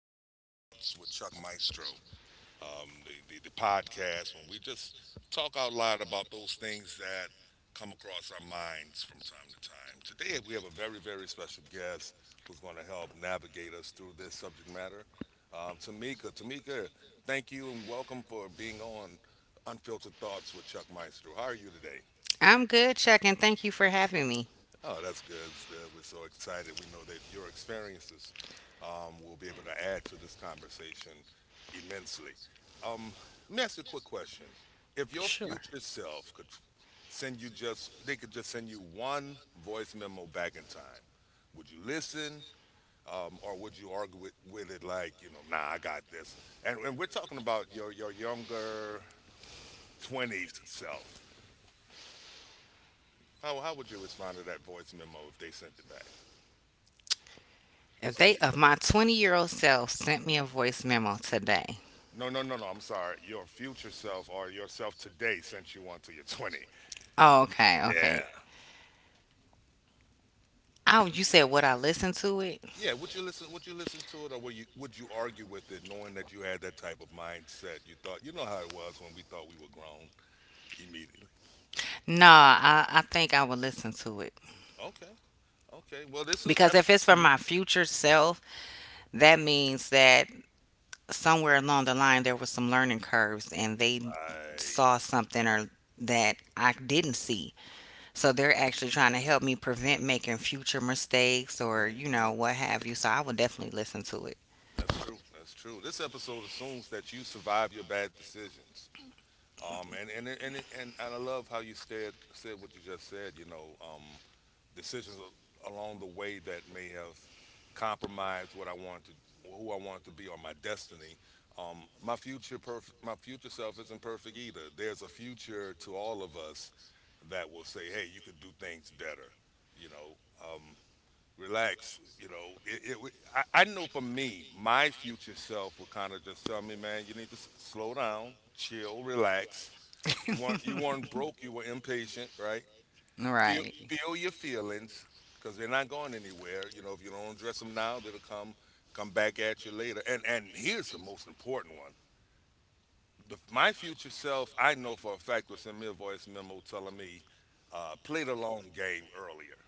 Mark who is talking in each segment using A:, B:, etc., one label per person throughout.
A: Unfiltered Thoughts with Chuck Maestro, the podcast when we just talk out loud about those things that come across our minds from time to time. Today we have a very, very special guest who's going to help navigate us through this subject matter. Tamika, thank you and welcome for being on Unfiltered Thoughts with Chuck Maestro. How are you today?
B: I'm good, Chuck, and thank you for having me.
A: Oh, that's good. That's good. We're so excited. We know that your experiences will be able to add to this conversation immensely. Um, let me ask you a quick question. If your
B: Sure.
A: future self could send you just, they could just send you one voice memo back in time, would you listen or would you argue with it, like, you know, nah, I got this? And we're talking about your younger 20s self. How would you respond to that voice memo if they sent it back?
B: If
A: Sent
B: they,
A: you.
B: if my 20-year-old self sent me a voice memo today.
A: No, no, no, no. I'm sorry. Your future self or yourself today sent you on to your 20.
B: Oh, okay, okay.
A: Yeah.
B: Oh, you said would I listen to it?
A: Yeah. Would you listen? Would you listen to it, or would you argue with it, knowing that you had that type of mindset? You thought you know how it was when we thought we were grown immediately.
B: No, I think I would listen to it.
A: Okay. Okay. Well, this is
B: Because
A: ep-
B: if it's for
A: Mhm.
B: my future self, that means that somewhere along the line there was some learning curves and they
A: Right.
B: saw something or that I didn't see. So they're actually trying to help me prevent making future mistakes or, you
A: Hmm.
B: know, what have you. So I would definitely listen to it.
A: That's true. That's true. This episode assumes that you survive your bad decisions. And I love how you said what you just said. You know, decisions along the way that may have compromised what I wanted to, who I wanted to be, or my destiny. My my future self isn't perfect either. There's a future to all of us that will say, "Hey, you could do things better." You know, relax. You know, I know for me, my future self will kind of just tell me, "Man, you need to slow down, chill, relax." You weren't broke. You were impatient, right? feel
B: Right.
A: Feel your feelings because they're not going anywhere. You know, if you don't address them now, they'll come back at you later. And here's the most important one: my future self, I know for a fact, will send me a voice memo telling me, "Play the long game earlier.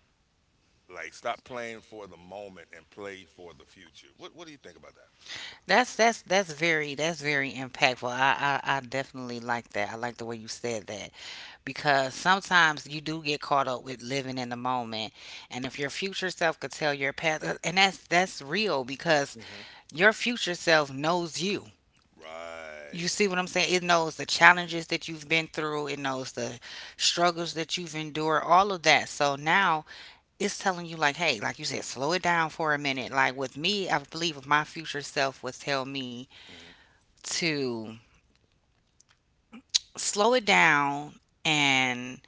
A: Like stop playing for the moment and play for the future." What do you think about that?
B: That's very impactful. I definitely like that. I like the way you said that because sometimes you do get caught up with living in the moment, and if your future self could tell your past, and that's real because
A: Hmm.
B: your future self knows you. You
A: Right.
B: see what I'm saying? It knows the challenges that you've been through, it knows the struggles that you've endured, all of that. So now it's telling you, like, hey, like you said, slow it down for a minute. Like with me, I believe if my future self would tell me
A: Hmm.
B: to slow it down and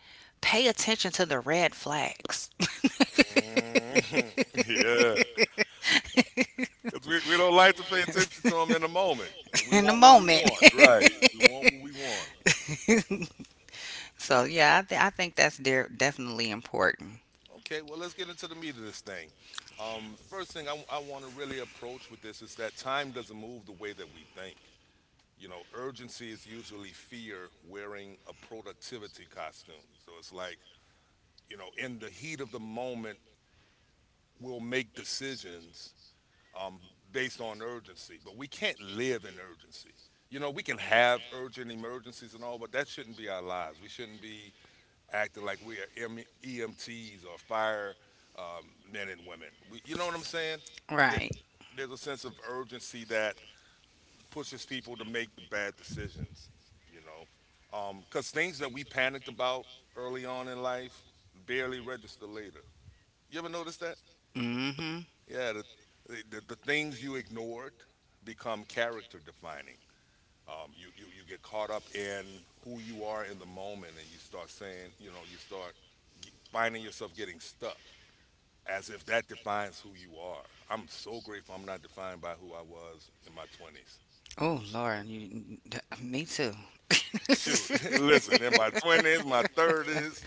B: pay attention to the red flags
A: Yeah. Because we don't like to pay attention to them in the moment. We
B: in the
A: want what we
B: moment.
A: want, right? We want what we want.
B: So yeah, I, I think that's definitely important.
A: Okay, well, let's get into the meat of this thing. First thing I want to really approach with this is that time doesn't move the way that we think. You know, urgency is usually fear wearing a productivity costume. So it's like, you know, in the heat of the moment, we'll make decisions um, based on urgency. But we can't live in urgency. You know, we can have urgent emergencies and all, but that shouldn't be our lives. We shouldn't be acting like we are EMTs or fire men and women. We, you know what I'm saying? That
B: Right.
A: there's a sense of urgency that pushes people to make the bad decisions. You know, because things that we panicked about early on in life barely register later. You ever notice that?
B: Mm hmm.
A: Yeah, the things you ignored become character defining. You get caught up in who you are in the moment and you start saying, you know, you start finding yourself getting stuck as if that defines who you are. I'm so grateful I'm not defined by who I was in my 20s.
B: Oh Lord, you me too.
A: Shoot, listen, in my 20s, my 30s.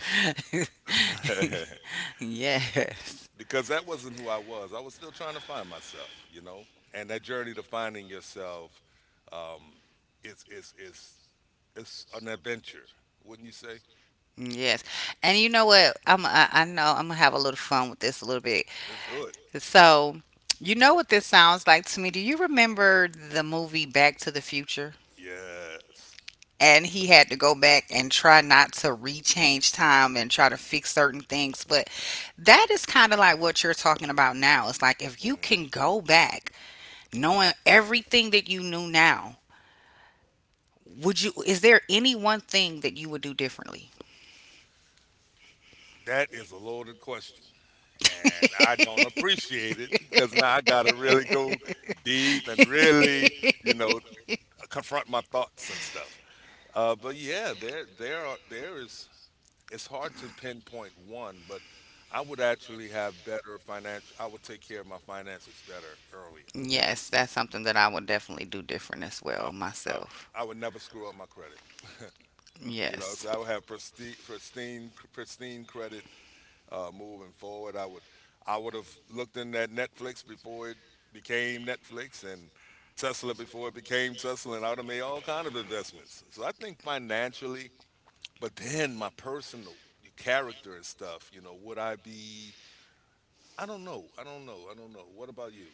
B: Yes.
A: Because that wasn't who I was. I was still trying to find myself, you know. And that journey to finding yourself um, is it's an adventure, wouldn't you say?
B: Yes. And you know what? I know I'm going to have a little fun with this a little bit.
A: Let's do it.
B: So, you know what this sounds like to me? Do you remember the movie Back to the Future?
A: Yes.
B: And he had to go back and try not to rechange time and try to fix certain things. But that is kind of like what you're talking about now. It's like if you
A: Mhm.
B: can go back knowing everything that you knew now, would you is there any one thing that you would do differently?
A: That is a loaded question, and I don't appreciate it because now I got to really go deep and really, you know, confront my thoughts and stuff. But yeah, there is it's hard to pinpoint one, but I would actually have better financial. I would take care of my finances better earlier.
B: Yes, that's something that I would definitely do different as
A: I,
B: well
A: I,
B: myself.
A: I would never screw up my credit. You know,
B: Yes.
A: so I would have pristine, pristine, pristine credit moving forward. I would have looked in at Netflix before it became Netflix and Tesla before it became Tesla, and I would have made all kind of investments. So I think financially, but then my personal character and stuff. You know, would I be I don't know. I don't know. I don't know. What about you?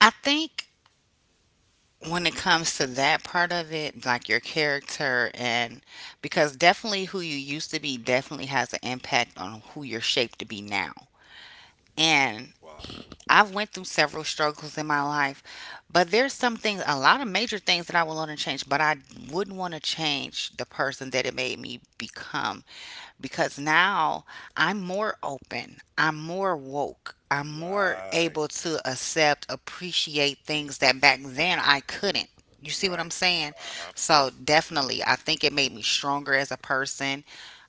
B: I think when it comes to that part of it, like your character, and because definitely who you used to be definitely has an impact on who you're shaped to be now. And
A: Wow.
B: I've went through several struggles in my life, but there's some things, a lot of major things that I would want to change, but I wouldn't want to change the person that it made me become because now I'm more open, I'm more woke, I'm more
A: Right.
B: able to accept, appreciate things that back then I couldn't. You see what I'm
A: Right.
B: saying?
A: Uh-huh.
B: So definitely, I think it made me stronger as a person.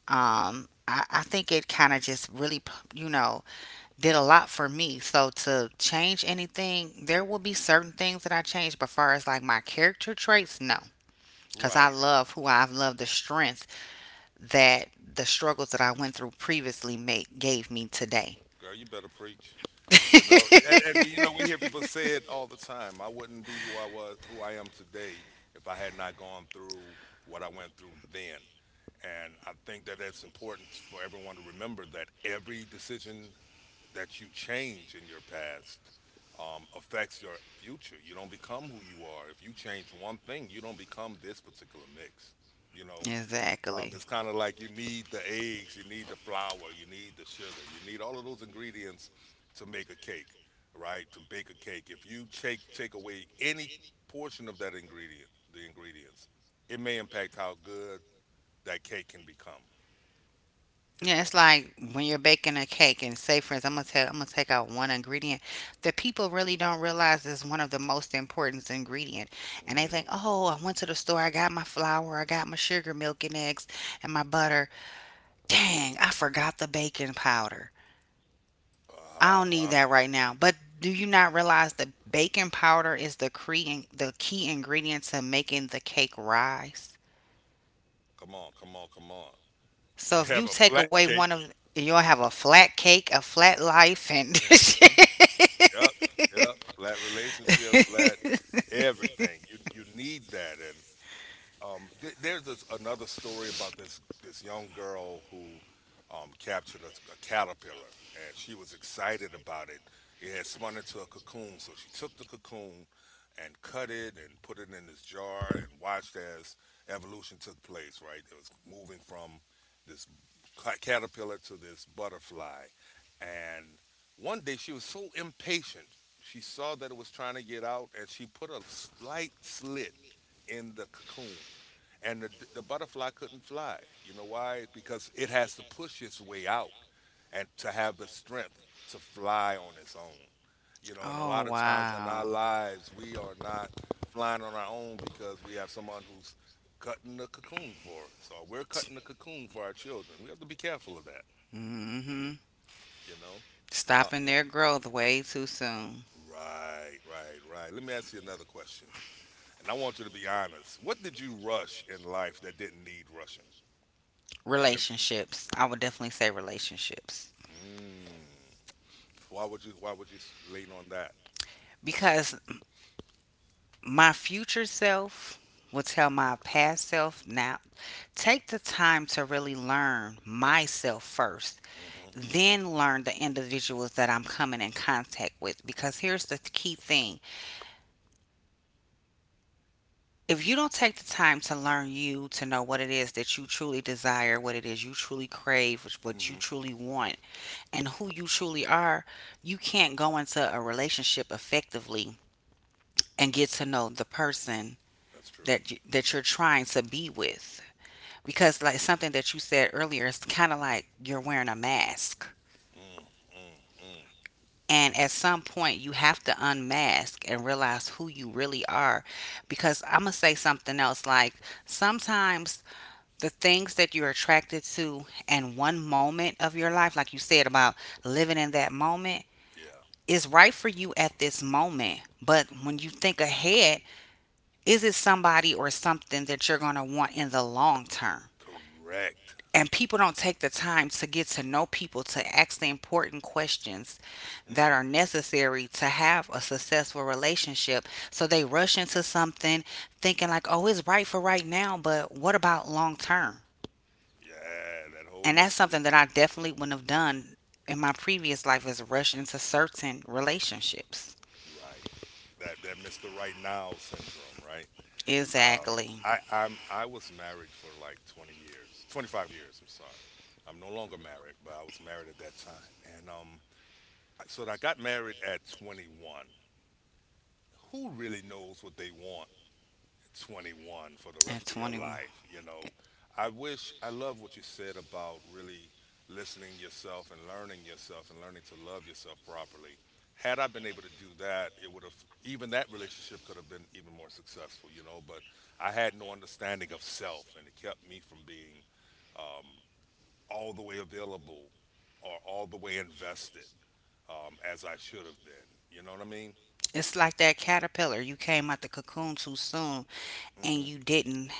B: I think it kind of just really, you know, did a lot for me. So to change anything, there will be certain things that I change, but far as like my character traits, no. Because I
A: Right.
B: love who I've loved the strength that the struggles that I went through previously made, gave me today.
A: Girl, you better preach. You know, and you know, we hear people say it all the time. I wouldn't be who I am today, if I had not gone through what I went through then. And I think that that's important for everyone to remember that every decision that you change in your past affects your future. You don't become who you are. If you change one thing, you don't become this particular mix. You know,
B: Exactly.
A: it's kind of like you need the eggs, you need the flour, you need the sugar, you need all of those ingredients to make a cake, right? To bake a cake. If you take away any portion of the ingredients, it may impact how good that cake can become. You
B: Yeah, it's
A: know.
B: like when you're baking a cake and say for instance, I'm gonna take out one ingredient that people really don't realize is one of the most important ingredient. And they think,
A: Mm.
B: oh, I went to the store, I got my flour, I got my sugar, milk and eggs and my butter. Dang, I forgot the baking powder. I
A: Uh
B: don't need
A: huh.
B: that right now. But do you not realize that baking powder is the the key ingredient to making the cake rise?
A: Come on, come on, come on. You
B: So if
A: have
B: you
A: a
B: take
A: flat
B: away one
A: cake.
B: of you'll have a flat cake, a flat life and
A: Hmm. Yep, yep. Flat relationship, flat everything. You need that, and there's another story about this young girl who captured a caterpillar, and she was excited about it. It had spun into a cocoon, so she took the cocoon and cut it and put it in this jar and watched as evolution took place. Right, it was moving from this caterpillar to this butterfly, and one day she was so impatient. She saw that it was trying to get out, and she put a slight slit in the cocoon and the butterfly couldn't fly. You know why? Because it has to push its way out and to have the strength to fly on its own. You know, and a
B: Oh
A: lot of times in our
B: wow.
A: lives, we are not flying on our own because we have someone who's cutting the cocoon for us, or we're cutting the cocoon for our children. We have to be careful of that,
B: Mm-hmm.
A: you know? Uh,
B: Stopping their growth way too soon.
A: right, right, right. Let me ask you another question. And I want you to be honest. What did you rush in life that didn't need rushing? That, it,
B: Relationships. I would definitely say relationships.
A: mm, Why would you? Why would you lean on that?
B: Because my future self will tell my past self now take the time to really learn myself first
A: Mm-hmm. Mm-hmm.
B: then learn the individuals that I'm coming in contact with. Because here's the key thing if you don't take the time to learn you, to know what it is that you truly desire, what it is you truly crave, what you
A: Mm-hmm.
B: truly want, and who you truly are, you can't go into a relationship effectively and get to know the person
A: That's true.
B: that you're trying to be with because like something that you said earlier it's kind of like you're wearing a mask.
A: Mm, mm, mm.
B: And at some point, you have to unmask and realize who you really are. Because I'm going to say something else. Like sometimes the things that you're attracted to in one moment of your life, like you said about living in that moment,
A: Yeah.
B: is right for you at this moment. But when you think ahead, is it somebody or something that you're going to want in the long term?
A: Correct.
B: And people don't take the time to get to know people to ask the important questions that
A: Mm-hmm.
B: are necessary to have a successful relationship. So they rush into something thinking like, "Oh, it's right for right now, but what about long term?"
A: Yeah. That whole
B: And that's
A: Mister
B: something that I definitely wouldn't have done in my previous life is rush into certain relationships.
A: R- Right. That that Mister Right Now syndrome. Right. Um,
B: Exactly.
A: I was married for like 20 years, 25 years. I'm sorry. I'm no longer married, but I was married at that time. And So I got married at 21. Who really knows what they want 21 for the
B: At
A: rest of your
B: 21.
A: life. You know, I wish, I love what you said about really listening yourself and learning to love yourself properly. Had I been able to do that, even that relationship could have been even more successful, you know, but I had no understanding of self and it kept me from being all the way available or all the way invested as I should have been. You know what I mean?
B: It's like that caterpillar. You came out the cocoon too soon and you
A: Hmm.
B: didn't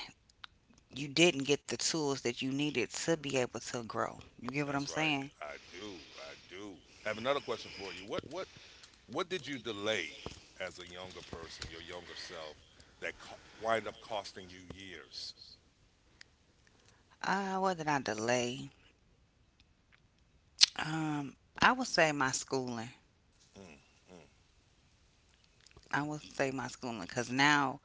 B: you didn't get the tools that you needed to be able to grow. You get what I'm
A: That's right.
B: saying?
A: I do. I do. I have another question for you. What did you delay as a younger person, your younger self, that wind up costing you years?
B: Ah, what did I delay? I would say my schooling.
A: Mm, mm,
B: I would say my schooling because now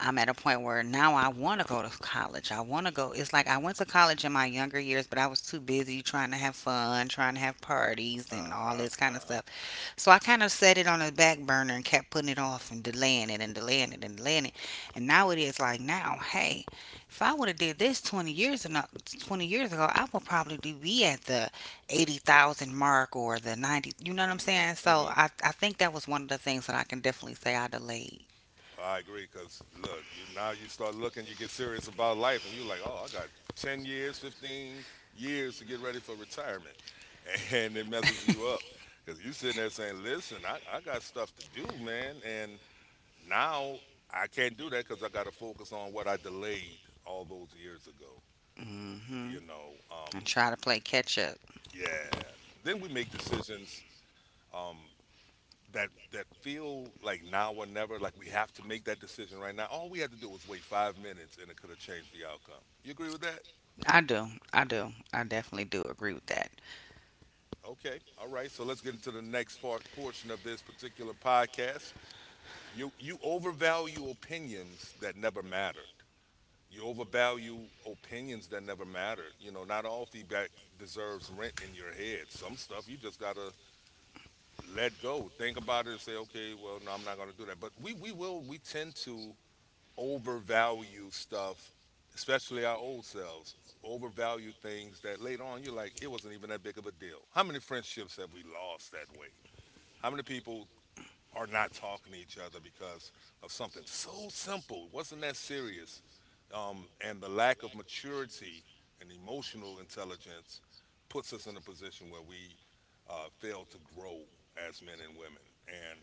B: I'm at a point where now I want to go to college. I want to go. It's like I went to college in my younger years, but I was too busy trying to have fun, trying to have parties, and all
A: uh-huh,
B: this kind of
A: uh-huh.
B: stuff. So I kind of set it on the back burner and kept putting it off and delaying it and delaying it and delaying it. And now it is like now, hey, if I would have did this 20 years ago, 20 years ago, I would probably be at the 80,000 mark or the 90, you know what I'm saying?
A: Mm-hmm, mm-hmm.
B: So I think that was one of the things that I can definitely say I delayed.
A: I agree, because look, you now you start looking, you get serious about life, and you're like, oh, I got 10 years, 15 years to get ready for retirement. And it messes you up. Because you sitting there saying, listen, I got stuff to do, man. And now I can't do that because I got to focus on what I delayed all those years ago.
B: Hmm.
A: you know
B: And
A: um
B: try to play catch up.
A: yeah, then we make decisions, um that feel like now or never, like we have to make that decision right now. All we had to do was wait 5 minutes and it could have changed the outcome. You agree with that?
B: I do. I do. I definitely do agree with that.
A: Okay, all right, so let's get into the portion of this particular podcast. You overvalue opinions that never mattered. You overvalue opinions that never mattered. You know, not all feedback deserves rent in your head. Some stuff you just gotta let go. Think about it and say, okay, well, no, I'm not going to do that. But we tend to overvalue stuff, especially our old selves, overvalue things that later on you're like, it wasn't even that big of a deal. How many friendships have we lost that way? How many people are not talking to each other because of something so simple. It wasn't that serious. And the lack of maturity and emotional intelligence puts us in a position where we fail to grow as men and women. And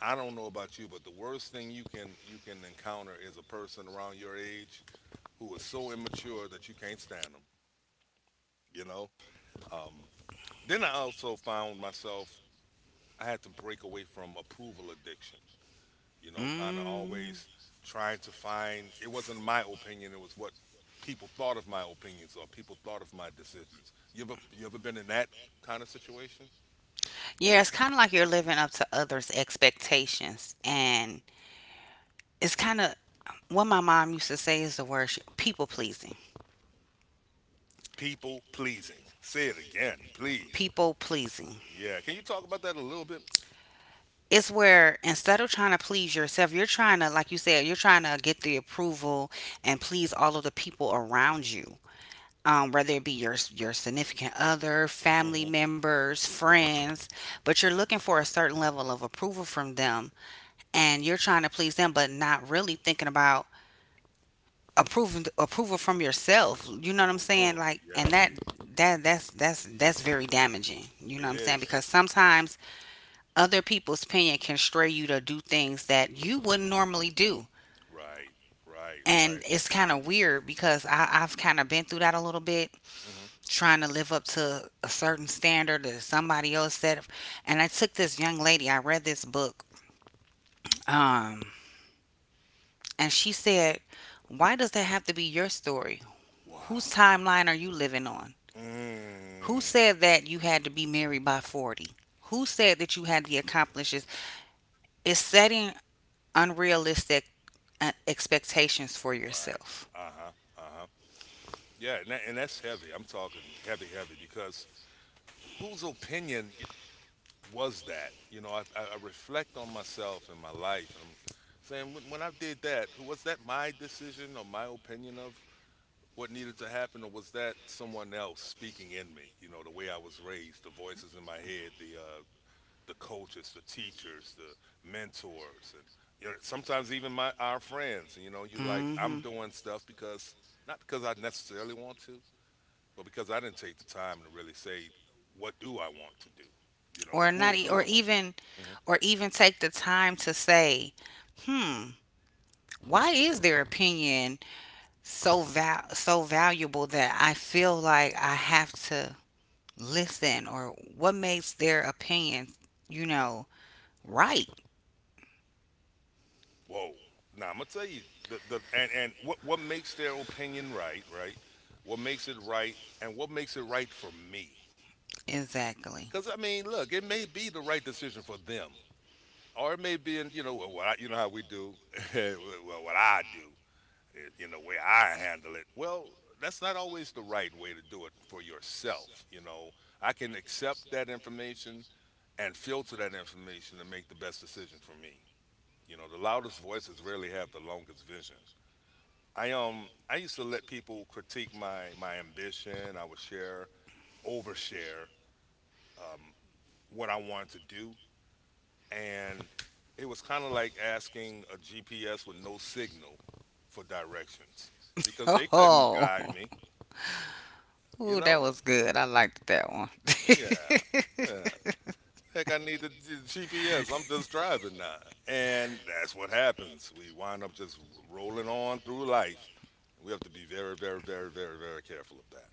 A: I don't know about you, but the worst thing you can encounter is a person around your age who is so immature that you can't stand them. You know. Um, then I also found myself I had to break away from approval addiction, you know, kind of
B: Mm.
A: always trying to find it wasn't my opinion, it was what people thought of my opinions or people thought of my decisions. You ever been in that kind of situation?
B: Yeah, it's kind of like you're living up to others' expectations and it's kind of what my mom used to say is the word people pleasing.
A: People pleasing. Say it again, please.
B: People pleasing.
A: Yeah, can you talk about that a little bit?
B: It's where instead of trying to please yourself, you're trying to, like you said, you're trying to get the approval and please all of the people around you. Whether it be your significant other, family
A: Mm-hmm.
B: members, friends, but you're looking for a certain level of approval from them, and you're trying to please them, but not really thinking about approval from yourself, you know what I'm
A: Ooh,
B: saying?
A: mm,
B: Like and
A: yes,
B: that that's that's very damaging, you know what
A: it
B: I'm saying?
A: is.
B: Because sometimes other people's opinion can stray you to do things that you wouldn't normally do.
A: Right, right,
B: And
A: right.
B: it's kind of weird because I've kind of been through that a little bit
A: Hmm.
B: trying to live up to a certain standard that somebody else set. And I took this young lady I read this book, um, and she said why does that have to be your story, whose
A: Wow.
B: timeline are you living on? Who
A: Mm,
B: said that you had to be married by 40? Who said that you had to accomplish this? It's setting unrealistic expectations for
A: right.
B: yourself.
A: Uh huh. Uh huh. Yeah, and that's heavy. I'm talking heavy, heavy, because whose opinion was that? You know, I reflect on myself and my life, and I'm saying, when I did that, was that my decision or my opinion of what needed to happen, or was that someone else speaking in me? You know, the way I was raised, the voices in my head, the coaches, the teachers, the mentors, and you know, sometimes even my our friends. You know, you like I'm
B: Hmm.
A: doing stuff because not because I necessarily want to, well, because I didn't take the time to really say, what do I want to do? You know,
B: Or not,
A: who
B: e-
A: do I want to be? Hmm.
B: or even take the time to say, hmm, why is their opinion so valuable that I feel like I have to listen, or what makes their opinion, you know, right.
A: Whoa. Now I'm gonna tell you the and what makes their opinion right, right? What makes it right, and what makes it right for me?
B: Exactly.
A: Because I mean, look, it may be the right decision for them, or it may be, in, you know, well, what I, you know how we do, well, what I do, eh, you know, way I handle it. Well, that's not always the right way to do it for yourself. You know, I can accept that information and filter that information and make the best decision for me. You know, the loudest voices rarely have the longest vision. I used to let people critique my ambition. I would share, overshare, um, what I wanted to do, and it was kind of like asking a GPS with no signal for directions because they couldn't
B: Oh,
A: guide me. You
B: ooh, that
A: know?
B: was good. I liked that one.
A: Yeah, yeah. Heck, I need the GPS. I'm just driving now. And that's what happens. We wind up just rolling on through life. We have to be very, very, very, very, very careful of that.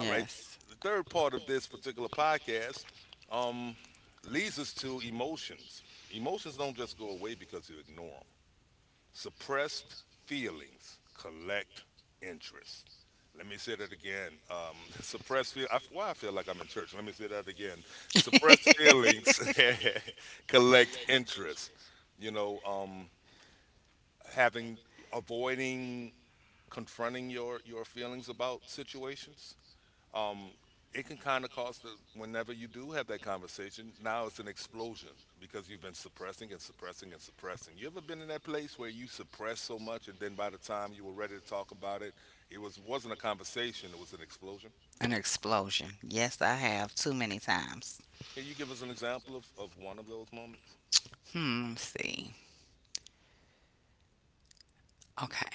A: All right. The third part of this particular podcast, um, leads us to emotions. Emotions don't just go away because you ignore them. Suppressed feelings collect interest. Let me say that again. Why I feel like I'm in church. Let me say that again. Suppressed feelings collect interest. You know, having, avoiding, confronting your feelings about situations, um, it can kind of cause the, whenever you do have that conversation, now it's an explosion, because you've been suppressing and suppressing and suppressing. You ever been in that place where you suppress so much and then by the time you were ready to talk about it, it was wasn't a conversation, it was an explosion?
B: An explosion. Yes, I have too many times.
A: Can you give us an example of one of those moments?
B: Hmm, let's see. Okay.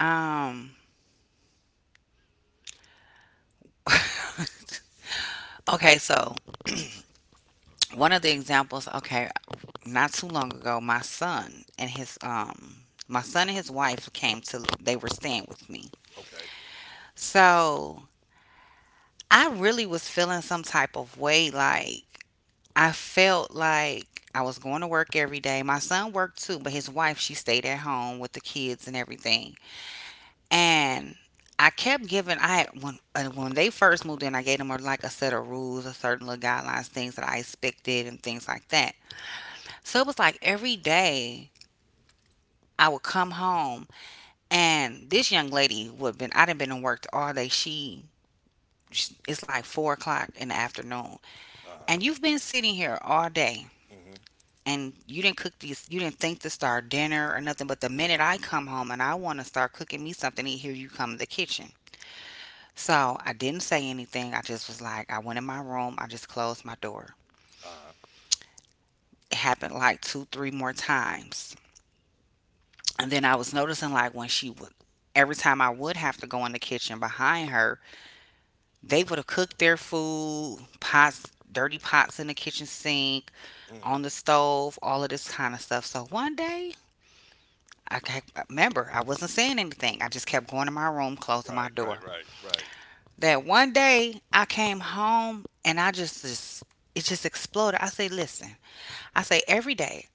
B: Um Okay, so one of the examples, okay, not too long ago, my son and his my son and his wife came to they were staying with me.
A: Okay.
B: So I really was feeling some type of way. Like I felt like I was going to work every day. My son worked too, but his wife, she stayed at home with the kids and everything. And I kept giving, I had, when they first moved in, I gave them a, like a set of rules, a certain little guidelines, things that I expected and things like that. So it was like every day I would come home and this young lady would been, I'd been in work all day. She, it's like 4 o'clock in the afternoon, and
A: Uh-huh.
B: you've been sitting here all day,
A: Mm-hmm.
B: and you didn't cook these, you didn't think to start dinner or nothing, but the minute I come home and I want to start cooking me something, and here you come in the kitchen. So I didn't say anything, I just was like, I went in my room, I just closed my door.
A: Uh-huh.
B: It happened like two, three more times, and then I was noticing, like, when she would, every time I would have to go in the kitchen behind her, they would have cooked their food, pots, dirty pots in the kitchen sink,
A: Mm.
B: on the stove, all of this kind of stuff. So one day I kept, remember, I wasn't saying anything. I just kept going to my room, closing
A: Right,
B: my
A: right,
B: door.
A: right, right.
B: That one day I came home and I just, it just exploded. I say, listen, I say, every day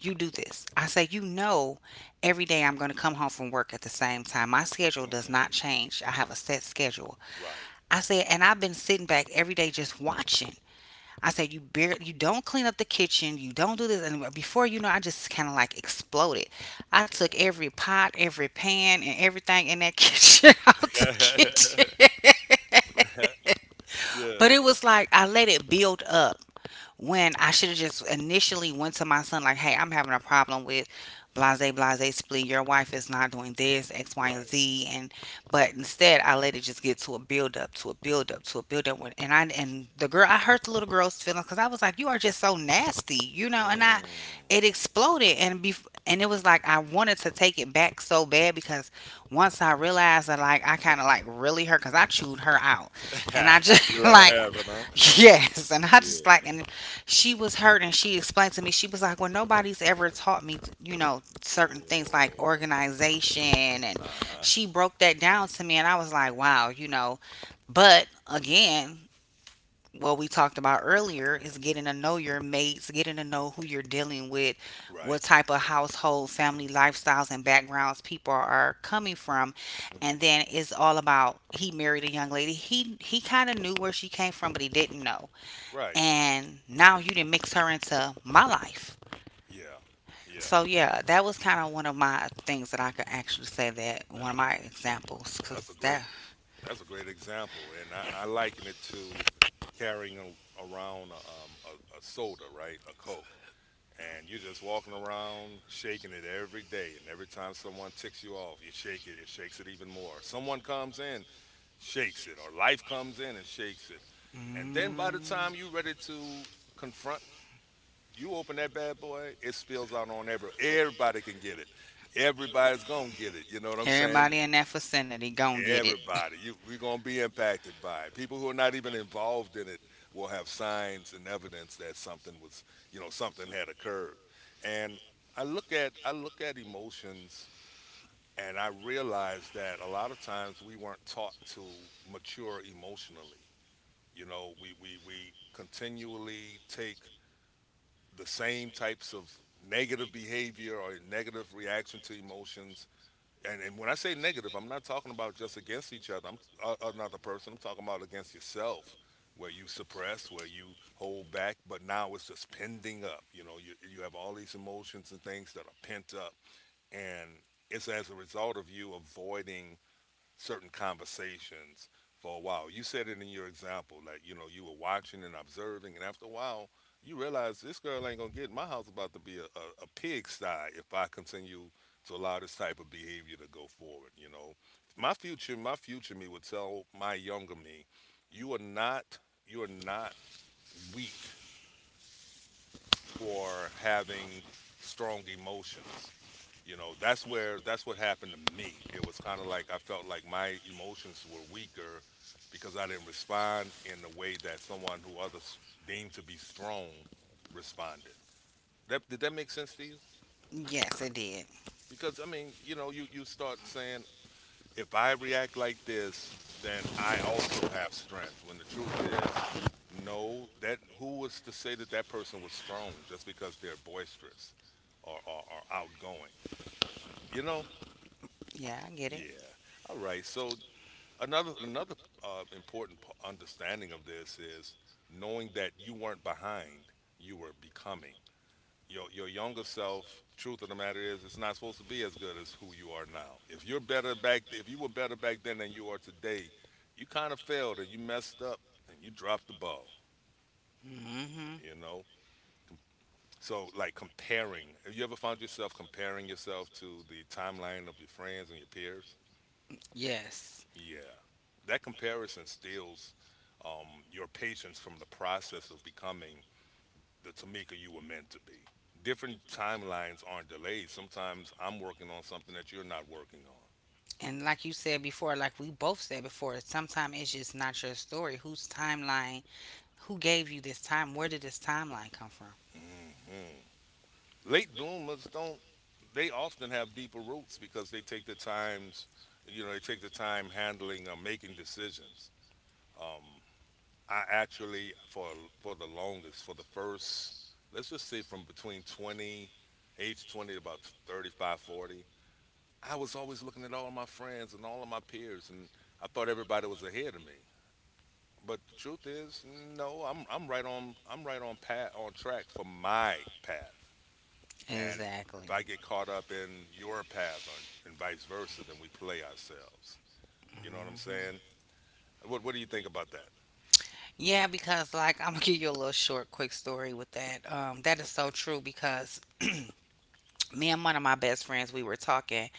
B: you do this. I say, you know, every day I'm going to come home from work at the same time. My schedule does
A: Mm-mm,
B: not change. I have a set schedule.
A: right.
B: I say, and I've been sitting back every day just watching. I said, you barely, you don't clean up the kitchen, you don't do this. And before you know, I just kind of like exploded. I took every pot, every pan, and everything in that kitchen out the kitchen.
A: Yeah.
B: But it was like I let it build up when I should have just initially went to my son like, "Hey, I'm having a problem with blase blase split. Your wife is not doing this X, Y, and
A: Right.
B: Z." And but instead, I let it just get to a build up, to a build up, to a build up. And I and the girl, I hurt the little girl's feelings because I was like, "You are just so nasty," you know. And
A: Mm.
B: it exploded and be and it was like I wanted to take it back so bad because once I realized that, like, I kind of like really hurt because I chewed her out. And I
A: You
B: just
A: let her
B: like,
A: have it.
B: yes. And I just
A: Huh.
B: like, and she was hurt and she explained to me, she was like, well, nobody's ever taught me, you know, certain things like
A: Oh,
B: organization. And
A: uh-huh.
B: she broke that down to me. And I was like, wow, you know. But again, what we talked about earlier is getting to know your mates, getting to know who you're dealing with,
A: Right.
B: what type of household, family lifestyles, and backgrounds people are coming from,
A: Hmm.
B: and then it's all about he married a young lady. He kind of knew where she came from, but he didn't know,
A: Right.
B: and now you didn't mix her into my life.
A: Yeah. Yeah.
B: So yeah, that was kind of one of my things that I could actually say that
A: That-
B: one of my examples,
A: well, that's a
B: cause
A: great,
B: that.
A: that's a great example, and I liken it to carrying a, around a soda, right? A Coke, and you're just walking around shaking it every day, and every time someone ticks you off, you shake it. It shakes it even more. Someone comes in, shakes it, or life comes in and shakes it, and then by the
B: Mm.
A: time you're ready to confront, you open that bad boy, it spills out on everybody. Everybody can get it. Everybody's gonna get it. You know what I'm saying?
B: Everybody in that vicinity, gon' get it.
A: Everybody. You We're gonna be impacted by it. People who are not even involved in it will have signs and evidence that something was, you know, something had occurred. And I look at emotions and I realize that a lot of times we weren't taught to mature emotionally. You know, we continually take the same types of negative behavior or negative reaction to emotions. And when I say negative, I'm not talking about just against each other. I'm another person. I'm talking about against yourself, where you suppress, where you hold back, but now it's just pending up. You know, you have all these emotions and things that are pent up, and it's as a result of you avoiding certain conversations for a while. You said it in your example, like, you know, you were watching and observing, and after a while, you realize this girl ain't gonna get in my house. About to be a pigsty if I continue to allow this type of behavior to go forward. You know, my future me would tell my younger me, you are not, you are not weak for having strong emotions. You know, that's where, that's what happened to me. It was kind of like I felt like my emotions were weaker because I didn't respond in the way that someone who others deemed to be strong responded. That did that make sense to you?
B: Yes, it did.
A: Because I mean, you know, you start saying if I react like this, then I also have strength. When the truth is, no, that who was to say that that person was strong just because they're boisterous or outgoing? You know?
B: Yeah, I get it.
A: Yeah. All right. So another important understanding of this is knowing that you weren't behind, you were becoming. Your younger self. Truth of the matter is, it's not supposed to be as good as who you are now. If you were better back then than you are today, you kind of failed and you messed up and you dropped the ball.
B: Hmm.
A: You know. So like comparing. Have you ever found yourself comparing yourself to the timeline of your friends and your peers?
B: Yes.
A: Yeah. That comparison steals, your patience from the process of becoming the Tamika you were meant to be. Different timelines aren't delayed. Sometimes I'm working on something that you're not working on.
B: And like you said before, like we both said before, sometimes it's just not your story. Whose timeline, who gave you this time? Where did this timeline come from?
A: Hmm. Late bloomers don't, they often have deeper roots because they take the times, you know, they take the time handling or making decisions. Um, I actually for the longest, for the first, let's just say from between 20, age 20 to about 35, 40, I was always looking at all of my friends and all of my peers, and I thought everybody was ahead of me. But the truth is, no, I'm right on path, on track for my path, and
B: Exactly.
A: if I get caught up in your path, or, and vice versa, then we play ourselves. You know what I'm
B: Mhm.
A: saying? What do you think about that?
B: Yeah, because like I'm gonna give you a little short, quick story with that. That is so
A: Okay,
B: true because me and one of my best friends, we were talking.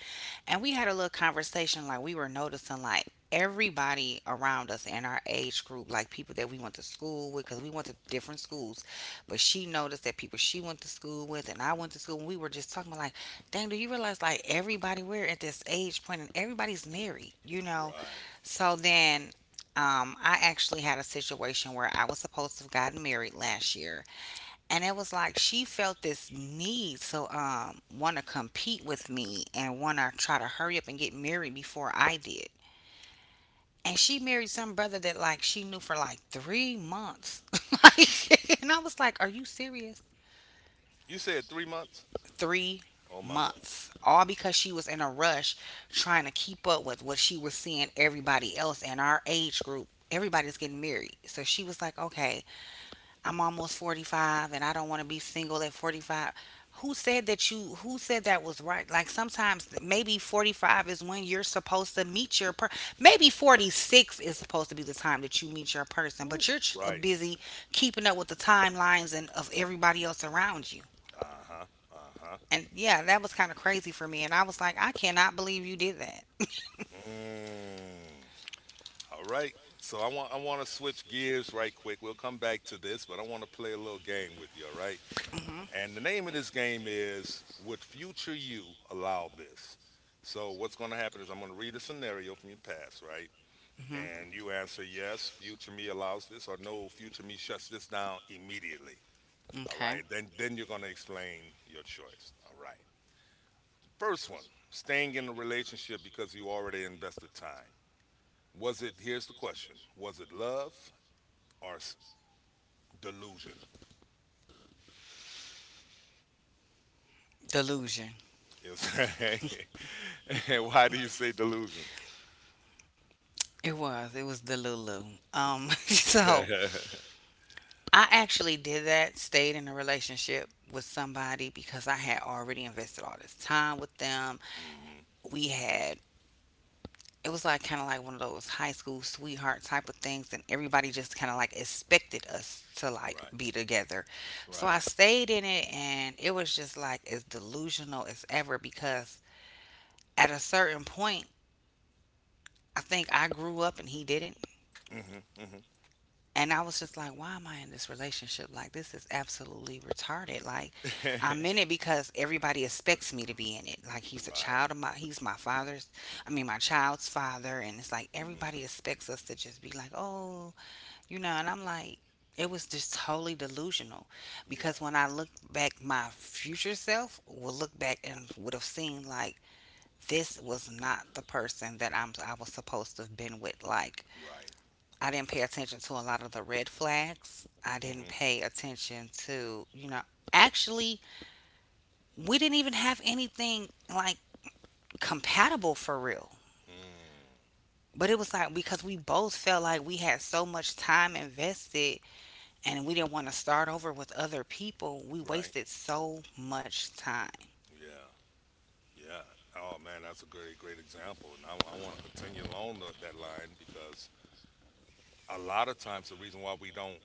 B: And we had a little conversation, like, we were noticing, like, everybody around us in our age group, like people that we went to school with, because we went to different schools. But she noticed that people she went to school with and I went to school, and we were just talking about, like, dang, do you realize, like, everybody, we're at this age point and everybody's married, you know?
A: right.
B: So then I actually had a situation where I was supposed to have gotten married last year, and it was like she felt this need to want to compete with me and want to try to hurry up and get married before I did. And she married some brother that, like, she knew for like 3 months. Like, and I was like, "Are you serious?
A: You said 3 months.
B: Three
A: Oh my God.
B: months? All because she was in a rush trying to keep up with what she was seeing, everybody else in our age group. Everybody's getting married, so she was like, "Okay, I'm almost 45 and I don't want to be single at 45. Who said that, you, who said that was right? Like, sometimes maybe 45 is when you're supposed to meet your per, maybe 46 is supposed to be the time that you meet your person,
A: Woo.
B: but you're
A: Right.
B: busy keeping up with the timelines and of everybody else around you.
A: Uh huh. Uh huh.
B: And yeah, that was kind of crazy for me, and I was like, I cannot believe you did that.
A: Mm. All right. So I want to switch gears right quick. We'll come back to this, but I want to play a little game with you. All right. And the name of this game is Would Future You Allow This? So what's going to happen is I'm going to read a scenario from your past, right?
B: Mhm.
A: And you answer yes, future me allows this, or no, future me shuts this down immediately. All right.
B: Okay.
A: Then you're going to explain your choice. All right. First one, staying in a relationship because you already invested time. Was it, here's the question, was it love or delusion?
B: Delusion.
A: Is, and why do you say delusion?
B: It was. It was the Lulu. So
A: Hmm.
B: I actually did that, stayed in a relationship with somebody because I had already invested all this time with them. We had it was like kind of like one of those high school sweetheart type of things, and everybody just kind of like expected us to like
A: Right,
B: be together. So I
A: right.
B: stayed in it, and it was just like as delusional as ever because at a certain point I think I grew up and he didn't.
A: Hmm. Hmm.
B: And I was just like, why am I in this relationship? Like, this is absolutely retarded. Like, I'm in it because everybody expects me to be in it. Like, he's a
A: Right.
B: child of my, he's my father's, I mean, my child's father. And it's like,
A: Hmm.
B: everybody expects us to just be like, oh, you know, and I'm like, it was just totally delusional because
A: Yeah,
B: when I look back, my future self will look back and would have seen like this was not the person that I was supposed to have been with. Like,
A: right.
B: I didn't pay attention to a lot of the red flags. I didn't
A: Hmm.
B: pay attention to, you know, actually, we didn't even have anything like compatible for real.
A: Mm,
B: But it was like because we both felt like we had so much time invested, and we didn't want to start over with other people, we
A: right.
B: wasted so much time.
A: Yeah, yeah. Oh, man, that's a great, great example. And I want to continue along that line because a lot of times the reason why we don't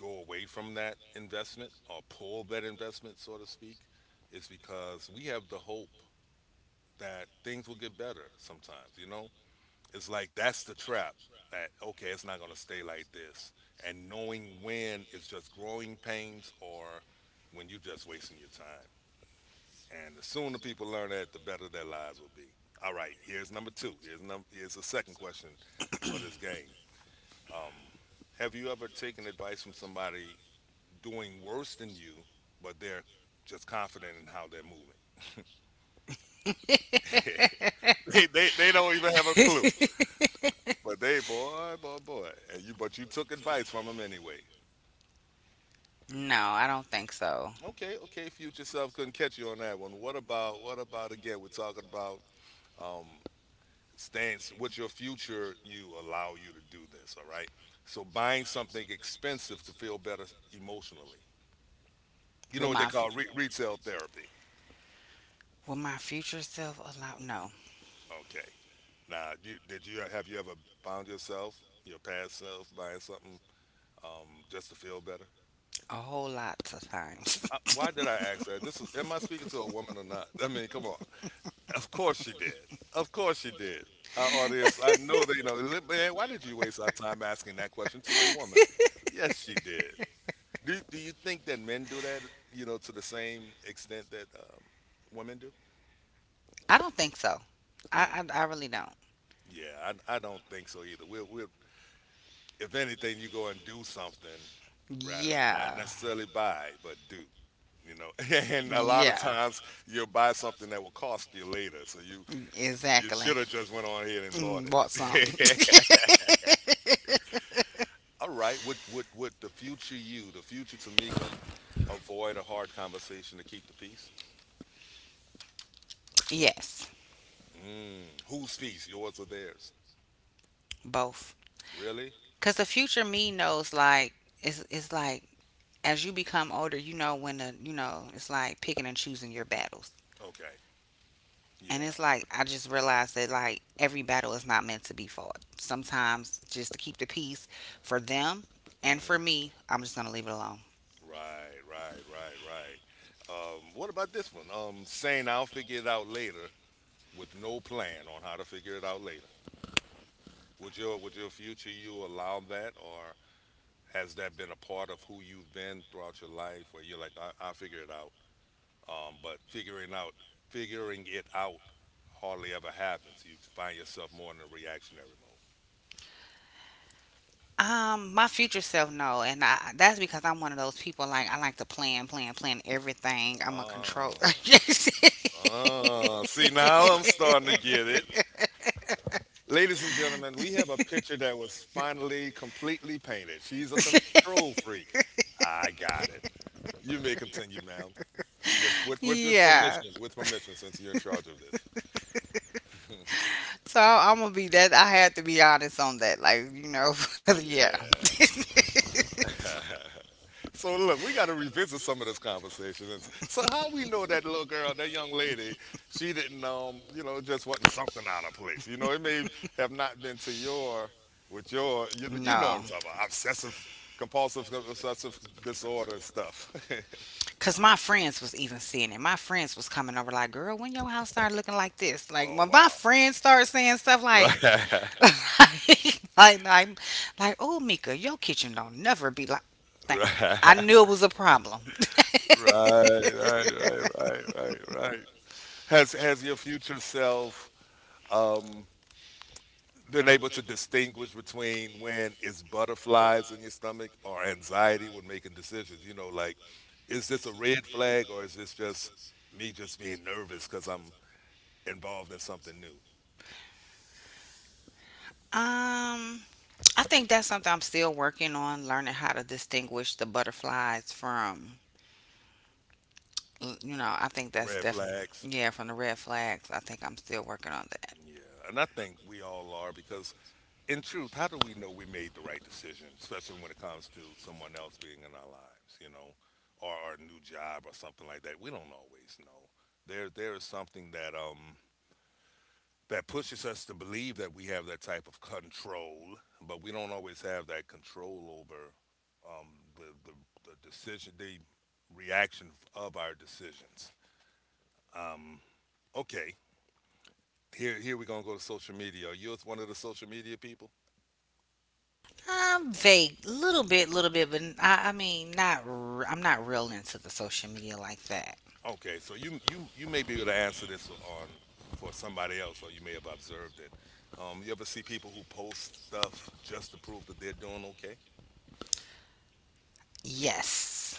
A: go away from that investment or pull that investment, so to speak, is because we have the hope that things will get better sometimes, you know? It's like that's the trap that, okay, it's not going to stay like this. And knowing when it's just growing pains or when you're just wasting your time. And the sooner people learn that, the better their lives will be. All right, here's number two. Here's the second question for this game. Um, have you ever taken advice from somebody doing worse than you, but they're just confident in how they're moving? They don't even have a clue, but they boy, boy, boy, and you took advice from them anyway.
B: No, I don't think so.
A: Okay, okay, future self couldn't catch you on that one. What about again? We're talking about um stance with your future you allow you to do this, all right? So buying something expensive to feel better emotionally. You know
B: With
A: what they
B: my fu-
A: call retail therapy.
B: with my future self, a lot, no,
A: Okay. Now, did you have you ever found yourself, your past self, buying something just to feel better?
B: a whole lot of times.
A: Why did I ask that? This is, am I speaking to a woman or not? I mean, come on. Of course she did. Of course she did. Our audience, I know they know. Man, why did you waste our time asking that question to a woman? Yes, she did. Do you think that men do that, you know, to the same extent that women do?
B: I don't think so.
A: Mm.
B: I really don't.
A: Yeah, I don't think so either. We're if anything, you go and do something, right? Not
B: Yeah.
A: necessarily buy, but do. You know, and a lot of
B: Yeah.
A: times you'll buy something that will cost you later. So you
B: Exactly.
A: should have just went on ahead and bought
B: Mm, bought something.
A: it. All right, would the future you, the future Tamika, avoid a hard conversation to keep the peace?
B: Yes.
A: Mm, whose peace, yours or theirs?
B: Both.
A: Really?
B: Because the future me knows, like, it's like as you become older, you know when to, you know, it's like picking and choosing your battles.
A: Okay.
B: And
A: Yeah.
B: it's like, I just realized that, like, every battle is not meant to be fought. Sometimes, just to keep the peace for them and
A: Hmm.
B: for me, I'm just going to leave it alone.
A: Right, right, right, right. What about this one? Saying I'll figure it out later with no plan on how to figure it out later. Would your future you allow that, or has that been a part of who you've been throughout your life, where you're like, I'll figure it out. But figuring it out hardly ever happens. You find yourself more in a reactionary mode.
B: My future self, no, and I, that's because I'm one of those people, like, I like to plan, plan, plan everything. I'm a control.
A: Ah, ah. See, now I'm starting to get it. Ladies and gentlemen, we have a picture that was finally completely painted. She's a control freak. I got it. You may continue, ma'am. With with with with
B: Yeah.
A: permission, with permission, since you're in charge of this.
B: So I'm gonna be that. I had to be honest on that. Like, you know, yeah.
A: Yeah. So look, we got to revisit some of this conversation. And so how we know that little girl, that young lady, she didn't you know, just wasn't something out of place. You know, it may have not been to your with your you you know what
B: No.
A: I'm talking about, obsessive compulsive obsessive disorder stuff.
B: Cause my friends was even seeing it. My friends was coming over like, girl, when your house started looking like this? Like
A: Oh,
B: when my
A: wow.
B: friends started saying stuff like,
A: Right.
B: like, like, like, oh, Mika, your kitchen don't never be like. Like, I
A: Right.
B: knew it was a problem.
A: Right, right, right, right, right, right. Has your future self um, been able to distinguish between when it's butterflies in your stomach or anxiety when making decisions? You know, like, is this a red flag or is this just me just being nervous because I'm involved in something new?
B: um, I think that's something I'm still working on, learning how to distinguish the butterflies from. You know, I think
A: The
B: that's
A: red
B: definitely
A: flags.
B: yeah from the red flags. I think I'm still working on that.
A: Yeah, and I think we all are because, in truth, how do we know we made the right decision, especially when it comes to someone else being in our lives, you know, or our new job or something like that? We don't always know. There is something that that pushes us to believe that we have that type of control, but we don't always have that control over um the the, the decision, the reaction of our decisions. Okay, here here we're gonna go to social media. Are you one of the social media people?
B: I'm vague, little bit, but I mean, not. I'm not real into the social media like that.
A: Okay, so you may be able to answer this on for somebody else, or you may have observed it. You ever see people who post stuff just to prove that they're doing okay?
B: Yes,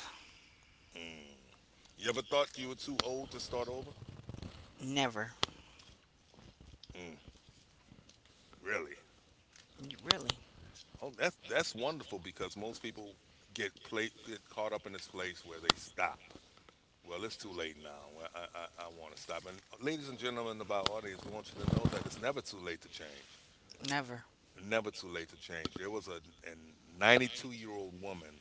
A: You ever thought you were too old to start over?
B: never.
A: Mm, really?
B: You really?
A: Oh, that's wonderful because most people get caught up in this place where they stop. Well, it's too late now. Well, I want to stop. And ladies and gentlemen of our audience, we want you to know that it's never too late to change.
B: Never.
A: Never too late to change. There was a 92-year-old woman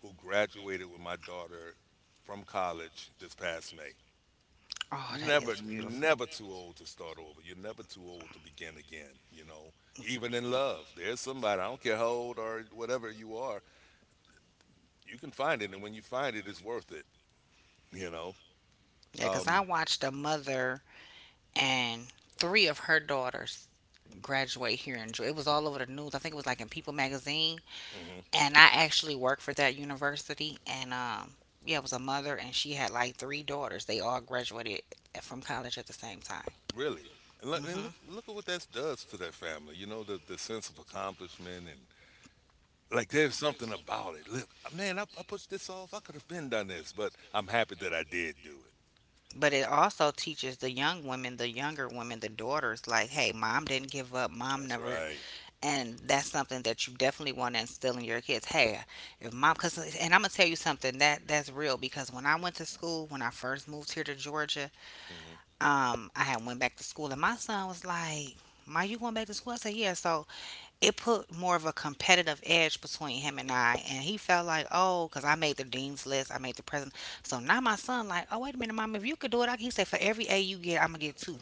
A: who graduated with my daughter from college this past May.
B: Oh, that
A: Never,
B: is beautiful.
A: never too old to start over. You're never too old to begin again, you know. Even in love, there's somebody, I don't care how old or whatever you are, you can find it. And when you find it, it's worth it, you know.
B: Yeah, because I
A: Um,
B: watched a mother and three of her daughters graduate here in Georgia. It was all over the news. I think it was like in People magazine.
A: mhm.
B: And I actually worked for that university. And yeah, it was a mother, and she had like three daughters. They all graduated from college at the same time.
A: Really. And look,
B: Hmm.
A: look at what that does to that family, you know, the sense of accomplishment and like there's something about it. Look, man, I pushed this off. I could have been done this, but I'm happy that I did do it.
B: But it also teaches the young women, the younger women, the daughters, like, hey, mom didn't give up. Mom
A: That's
B: never,
A: right.
B: and that's something that you definitely want to instill in your kids. Hey, if mom, cause, and I'm gonna tell you something that that's real because when I went to school, when I first moved here to Georgia,
A: Mm-hmm.
B: I had went back to school and my son was like, "Ma, you going back to school?" I said, "Yeah." So it put more of a competitive edge between him and I, and he felt like, "Oh, cause I made the dean's list, I made the president." So now my son like, "Oh, wait a minute, mom, if you could do it, I," he said, "For every A you get, I'm gonna get two."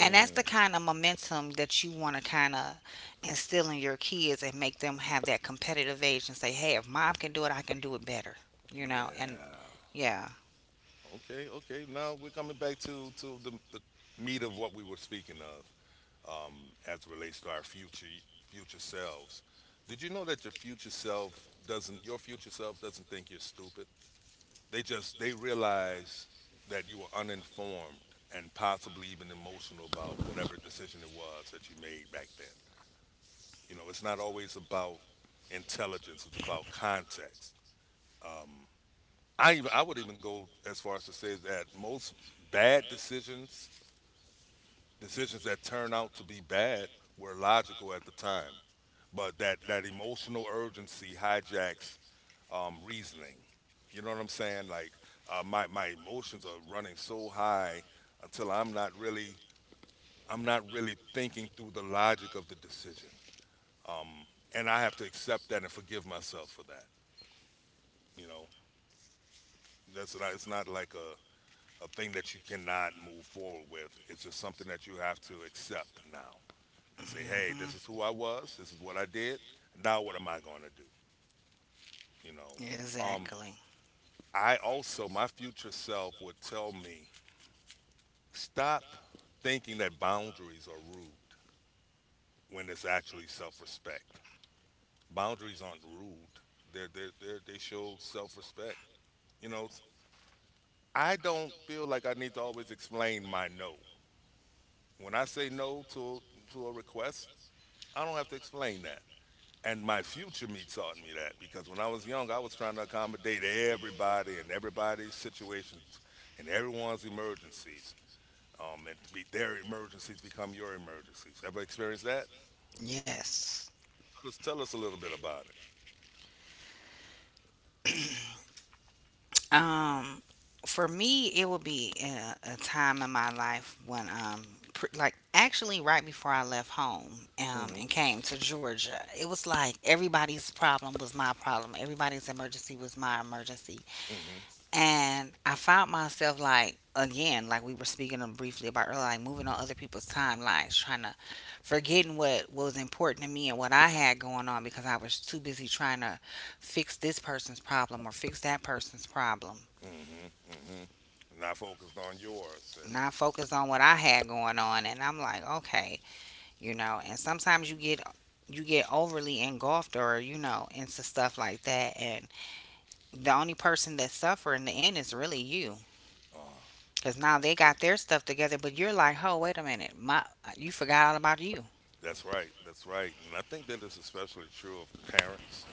B: And that's the kind of momentum that you want to kind of instill in your kids and make them have that competitive edge and say, hey, if mom can do it, I can do it better. You know, and
A: Yeah.
B: yeah,
A: Okay. Okay. Now we're coming back to the meat of what we were speaking of, as it relates to our future selves. Did you know that your future self doesn't think you're stupid? They just they realize that you were uninformed and possibly even emotional about whatever decision it was that you made back then. You know, it's not always about intelligence; it's about context. Um, I would even go as far as to say that most bad decisions, decisions that turn out to be bad, were logical at the time, but that emotional urgency hijacks reasoning. You know what I'm saying? Like my emotions are running so high until I'm not really thinking through the logic of the decision, and I have to accept that and forgive myself for that. You know, that's not it's not like a thing that you cannot move forward with. It's just something that you have to accept now and say, hey,
B: mhm,
A: this is who I was. This is what I did. Now, what am I going to do? You know, um,
B: exactly.
A: I also, my future self would tell me, stop thinking that boundaries are rude when it's actually self respect. Boundaries aren't rude, they show self respect. You know, I don't feel like I need to always explain my no. When I say no to a request, I don't have to explain that. And my future me taught me that because when I was young, I was trying to accommodate everybody and everybody's situations and everyone's emergencies. And be, their emergencies become your emergencies. Ever experienced that?
B: Yes.
A: Just tell us a little bit about it.
B: Um, for me, it would be a time in my life when, like actually right before I left home
A: Mm-hmm.
B: and came to Georgia, it was like everybody's problem was my problem. Everybody's emergency was my emergency.
A: Mm-hmm.
B: And I found myself like again, like we were speaking of briefly about earlier, like moving on other people's timelines, trying to forgetting what was important to me and what I had going on because I was too busy trying to fix this person's problem or fix that person's problem.
A: Mm-hmm. Mm-hmm. Not focused on yours. And
B: Not focus on what I had going on and I'm like, okay, you know, and sometimes you get overly engulfed or, you know, into stuff like that and the only person that's suffering in the end is really you.
A: uh,
B: Cause now they
A: that's true.
B: got their stuff together, but you're like, oh, wait a minute, my, you forgot all about you.
A: That's right. That's right. And I think that is especially true of parents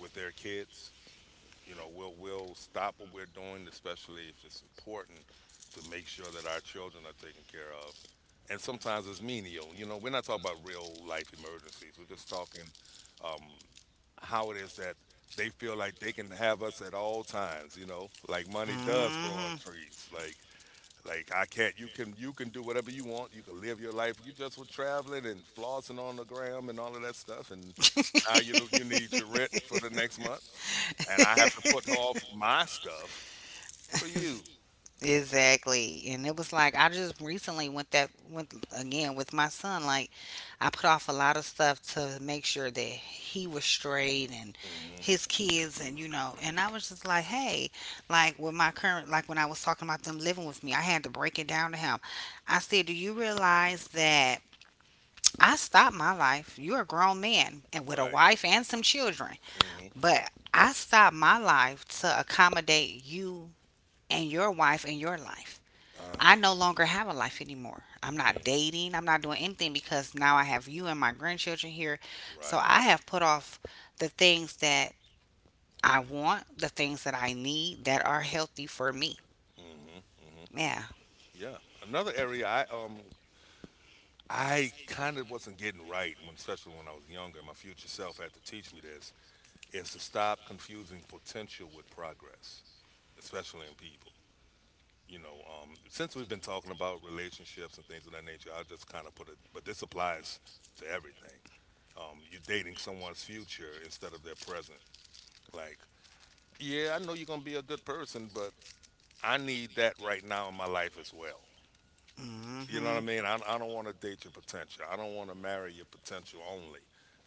A: with their kids. You know, we'll stop what we're doing, especially if it's important to make sure that our children are taken care of. And sometimes it's menial. You know, we're not talking about real life emergencies. We're just talking um, how it is that they feel like they can have us at all times. You know, like money does grow
B: Hmm.
A: on trees. Like I can't. You can do whatever you want. You can live your life. You just were traveling and flossing on the gram and all of that stuff. And now you don't, you need your rent for the next month and I have to put off my stuff for you.
B: Exactly. And it was like I just recently went again with my son. Like I put off a lot of stuff to make sure that he was straight and
A: Hmm.
B: his kids and you know and I was just like, hey, like with my current like when I was talking about them living with me, I had to break it down to him. I said, do you realize that I stopped my life. You're a grown man and with a
A: Right.
B: wife and some children.
A: Hmm.
B: But I stopped my life to accommodate you and your wife and your life.
A: Uh,
B: I no longer have a life anymore. I'm not
A: mm,
B: dating. I'm not doing anything because now I have you and my grandchildren here. So
A: right.
B: I have put off the things that I want, the things that I need that are healthy for me.
A: Hmm. Hmm.
B: Yeah.
A: Yeah. Another area I kind of wasn't getting right when, especially when I was younger. My future self had to teach me this: is to stop confusing potential with progress, especially in people. You know, since we've been talking about relationships and things of that nature, I'll just kind of put it. But this applies to everything. You're dating someone's future instead of their present. Like, yeah, I know you're gonna be a good person, but I need that right now in my life as well. You know what I
B: Hmm.
A: mean? I don't want to date your potential. I don't want to marry your potential only.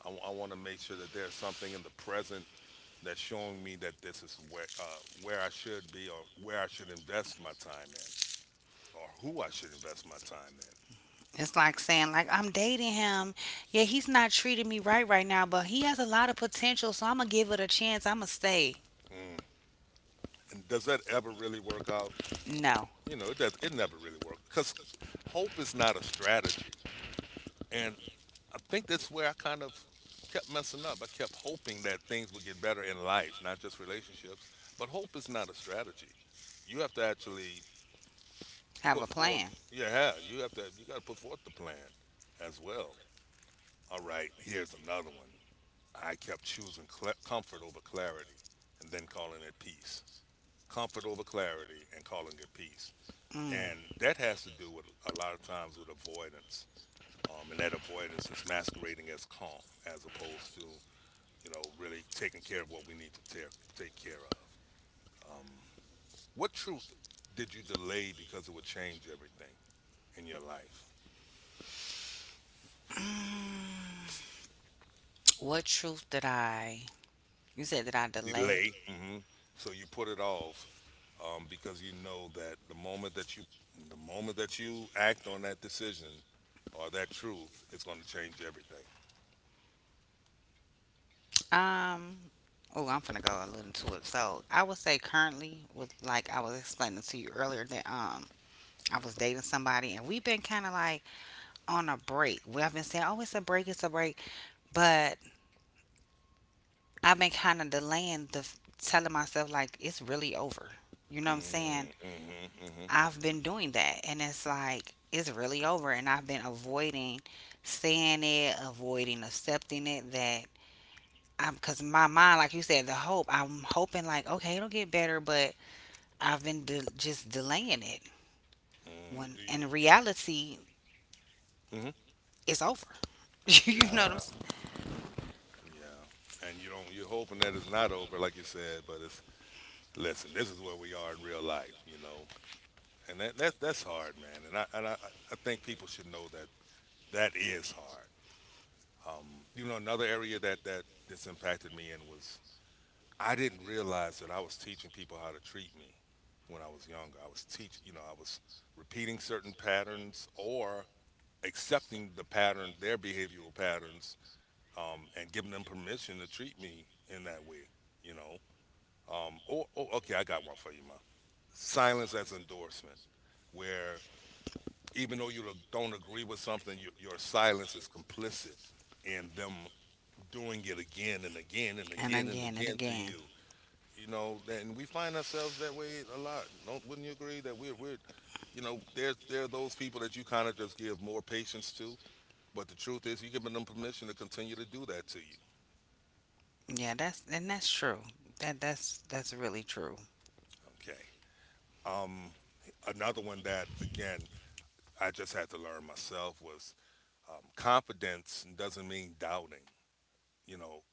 A: I want to make sure that there's something in the present that's showing me that this is where I should be or where I should invest my time in or who I should invest my time in.
B: It's like saying like I'm dating him. Yeah, he's not treating me right right now, but he has a lot of potential, so I'm gonna give it a chance. I'm gonna stay.
A: And does that ever really work out?
B: No,
A: You know, it does. It never really works because hope is not a strategy. And I think that's where I kind of kept messing up. I kept hoping that things would get better in life, not just relationships. But hope is not a strategy. You have to actually
B: have
A: put
B: a
A: forth.
B: plan.
A: Yeah, yeah, you have to. You got to put forth the plan as well. All right, here's another one. I kept choosing comfort over clarity, and then calling it peace. Comfort over clarity, and calling it peace.
B: Mm.
A: And that has to do with a lot of times with avoidance. And that avoidance is masquerading as calm as opposed to, you know, really taking care of what we need to take care of. What truth did you delay because it would change everything in your life?
B: What truth did I? You said that I delay.
A: Delay. So you put it off because you know that the moment that you the moment that you act on that decision or that truth, it's going to change everything.
B: Um. Oh, I'm gonna go a little to it. So I would say currently, with like I was explaining to you earlier, that I was dating somebody and we've been kind of like on a break. Well, I've been saying, oh, it's a break, but I've been kind of delaying the telling myself like it's really over. You know what I'm saying?
A: Mm, hmm.
B: I've been doing that, and it's like it's really over, and I've been avoiding saying it, avoiding accepting it. That I'm because my mind, like you said, the hope. I'm hoping like okay, it'll get better, but I've been just delaying it. When
A: Do
B: in reality,
A: you?
B: it's over.
A: Hmm.
B: You know what I'm
A: Yeah.
B: saying?
A: Yeah. And you don't, you're hoping that it's not over, like you said, but it's, listen, this is where we are in real life, you know. And that's hard, man. I think people should know that that is hard. You know, another area that, this impacted me in was I didn't realize that I was teaching people how to treat me when I was younger. I was teach You know, I was repeating certain patterns or accepting the pattern, their behavioral patterns, and giving them permission to treat me in that way, you know. Oh, okay, I got one for you, Mom. Silence as endorsement, where even though you don't agree with something, your silence is complicit in them doing it again and again and
B: And
A: again and
B: again and
A: again to
B: again.
A: you. You know, and we find ourselves that way a lot. Don't, wouldn't you agree that we're you know, there are those people that you kind of just give more patience to, but the truth is you're giving them permission to continue to do that to you.
B: Yeah, that's and that's true. That's really true.
A: Okay. Um, another one that, again, I just had to learn myself was, confidence doesn't mean doubting. You know,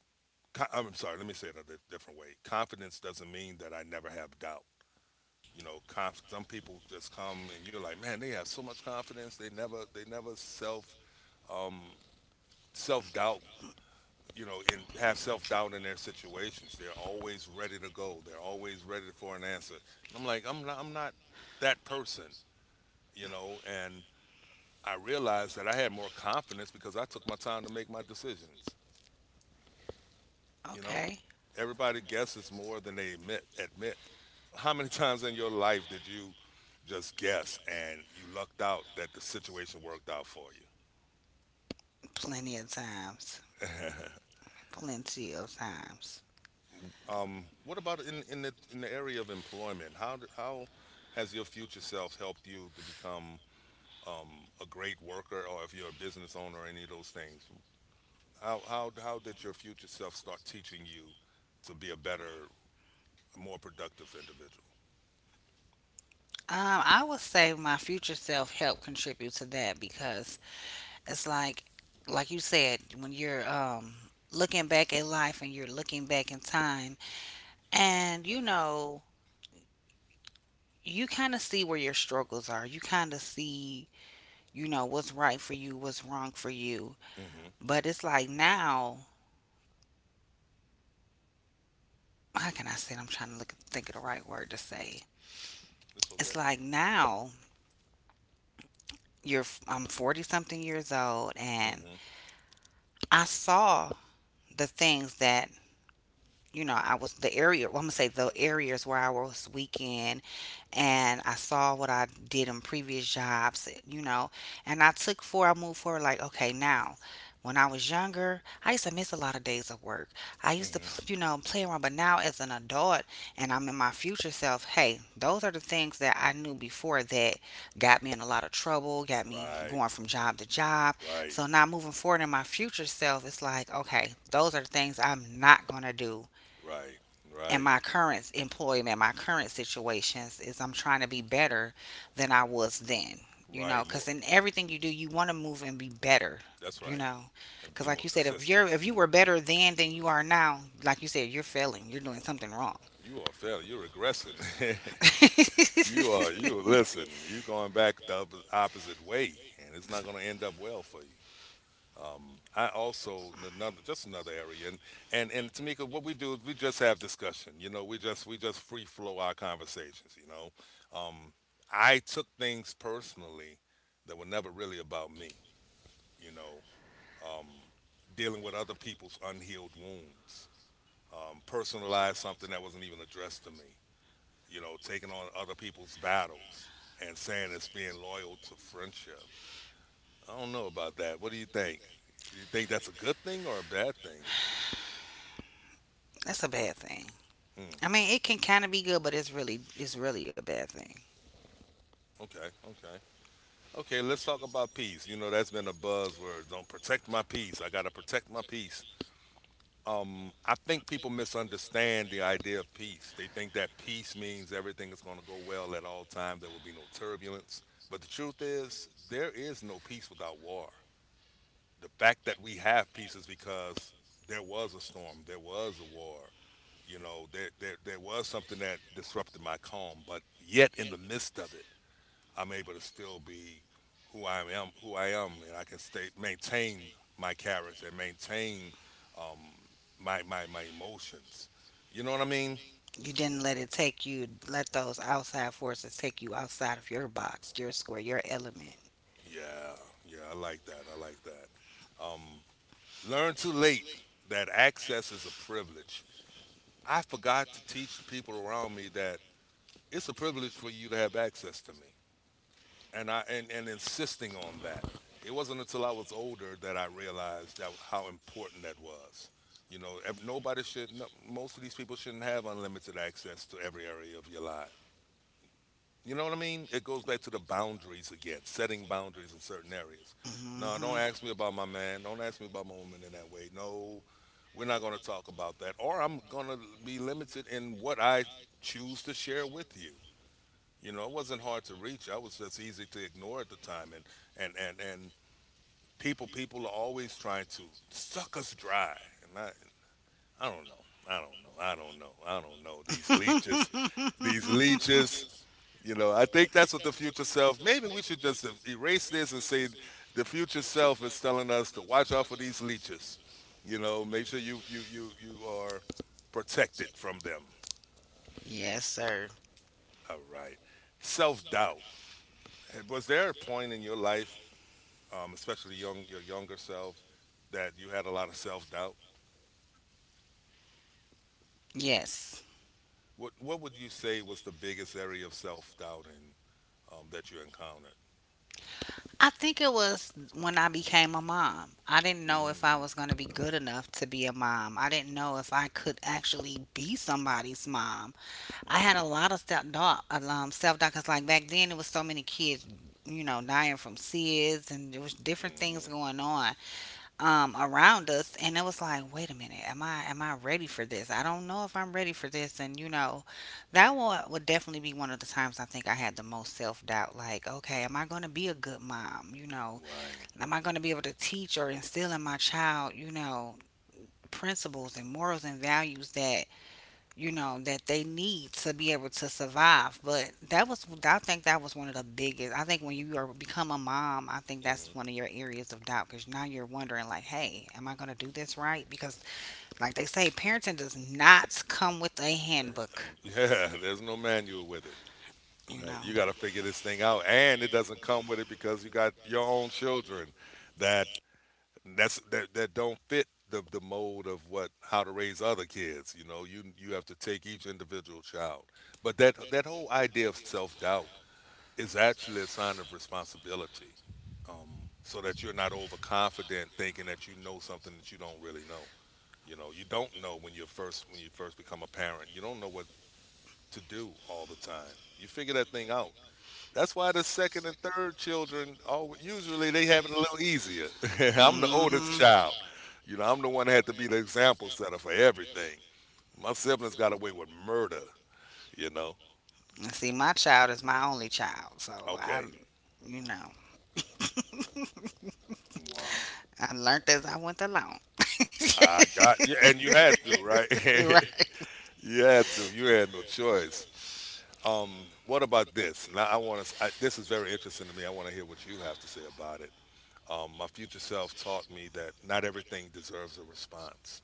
A: I'm sorry. Let me say it a different way. Confidence doesn't mean that I never have doubt. You know, some people just come and you're like, man, they have so much confidence. They never um, self doubt. You know, and have self doubt in their situations. They're always ready to go. They're always ready for an answer. And I'm like, I'm not that person. You know, and I realized that I had more confidence because I took my time to make my decisions. You know.
B: Okay.
A: Everybody guesses more than they admit. How many times in your life did you just guess and you lucked out that the situation worked out for you?
B: Plenty of times. Plenty of times.
A: What about in, in the area of employment? How has your future self helped you to become, a great worker, or if you're a business owner, or any of those things? How did your future self start teaching you to be a better, more productive individual?
B: I would say my future self helped contribute to that because it's like you said, when you're looking back at life and you're looking back in time, and you know, you kind of see where your struggles are. You kind of see, you know, what's right for you, what's wrong for you.
A: Hmm.
B: But it's like now, how can I say? It? I'm trying to look, think of the right word to say.
A: It's okay.
B: It's like now you're, I'm 40 something years old,
A: mm
B: and
A: hmm
B: I saw the things that you know I was the area. Well, I'm gonna say the areas where I was weak in and I saw what I did in previous jobs, you know, and I moved forward like, okay, now when I was younger, I used to miss a lot of days of work. I used to,
A: mm
B: you know, play around, but now as an adult and I'm in my future self, hey, those are the things that I knew before that got me in a lot of trouble, got
A: hmm
B: me
A: Right,
B: going from job to job.
A: right.
B: So now moving forward in my future self, it's like, okay, those are the things I'm not going to do
A: Right,
B: and
A: right,
B: my current employment, my current situations is I'm trying to be better than I was then. You know,
A: right. More.
B: because in everything you do, you want to move and be better.
A: That's
B: You
A: right.
B: know,
A: And
B: because
A: be
B: like
A: more
B: you said, if
A: consistent.
B: you're if you were better then than you are now, like you said, you're failing. You're doing something wrong.
A: You are failing. You're regressing. You are. You listen. You're going back the opposite way, and it's not going to end up well for you. I also, another just another area, and, Tamika, what we do is we just have discussion. You know, we just free flow our conversations. You know, um, I took things personally that were never really about me. You know, um, dealing with other people's unhealed wounds, personalize something that wasn't even addressed to me. You know, taking on other people's battles and saying it's being loyal to friendship. I don't know about that. What do you think? Do you think that's a good thing or a bad thing?
B: That's a bad thing.
A: Hmm.
B: I mean, it can kind of be good, but it's really a bad thing.
A: Okay. Okay. Okay. Let's talk about peace. You know, that's been a buzzword. Don't protect my peace. I gotta protect my peace. I think people misunderstand the idea of peace. They think that peace means everything is going to go well at all time. There will be no turbulence. But the truth is, there is no peace without war. The fact that we have peace is because there was a storm, there was a war. You know, there was something that disrupted my calm. But yet, in the midst of it, I'm able to still be who I am, and I can stay maintain my character and maintain my emotions. You know what I mean?
B: You didn't let it take you, let those outside forces take you outside of your box, your square, your element.
A: Yeah, yeah, I like that. I like that. Um, learn too late that access is a privilege. I forgot to teach the people around me that it's a privilege for you to have access to me, and insisting on that. It wasn't until I was older that I realized that how important that was. You know, nobody should. No, most of these people shouldn't have unlimited access to every area of your life. You know what I mean? It goes back to the boundaries again, setting boundaries in certain areas. No,
B: Hmm.
A: don't ask me about my man. Don't ask me about my woman in that way. No, we're not going to talk about that. Or I'm going to be limited in what I choose to share with you. You know, it wasn't hard to reach. I was just easy to ignore at the time. And people, are always trying to suck us dry. And I, I don't know. I don't know. These leeches, these leeches. You know, I think that's what the future self. Maybe we should just erase this and say the future self is telling us to watch out for these leeches. You know, make sure you are protected from them.
B: Yes, sir.
A: All right. Self doubt. Was there a point in your life, especially young your younger self, that you had a lot of self doubt?
B: Yes.
A: What would you say was the biggest area of self doubting, that you encountered?
B: I think it was when I became a mom. I didn't know if I
A: Mm.
B: was going to be good enough to be a mom. I didn't know if I could actually be somebody's mom. I had
A: mm,
B: a lot of self doubt. Self doubt because like back then it was so many kids, you know, dying from SIDS and there was different things
A: hmm
B: going on. Um, around us and it was like wait a minute am I ready for this I don't know if I'm ready for this and you know that would definitely be one of the times I think I had the most self-doubt like okay am I going to be a good mom you know
A: Right.
B: am I going to be able to teach or instill in my child you know principles and morals and values that you know, that they need to be able to survive. But that was, I think that was one of the biggest. I think when you are become a mom, I think that's
A: Mm-hmm.
B: one of your areas of doubt because now you're wondering, like, hey, am I going to do this right? Because, like they say, parenting does not come with a handbook,
A: Yeah, there's no manual with it.
B: you know.
A: You got to figure this thing out, and it doesn't come with it because you got your own children that that don't fit the mold of what how to raise other kids. You know, you have to take each individual child. But that that whole idea of self doubt is actually a sign of responsibility, so that you're not overconfident thinking that you know something that you don't really know. You know, you don't know when you're first when you first become a parent. You don't know what to do all the time. You figure that thing out. That's why the second and third children, all, usually they have it a little easier. I'm the oldest
B: Mm-hmm.
A: child. You know, I'm the one that had to be the example setter for everything. My siblings got away with murder, you know?
B: See, my child is my only child, so
A: Okay,
B: I'm, you know.
A: wow.
B: I learned as I went along.
A: I got you. And you had to, right?
B: Right.
A: You had to. You had no choice. What about this? Now, I want to. This is very interesting to me. I want to hear what you have to say about it. My future self taught me that not everything deserves a response.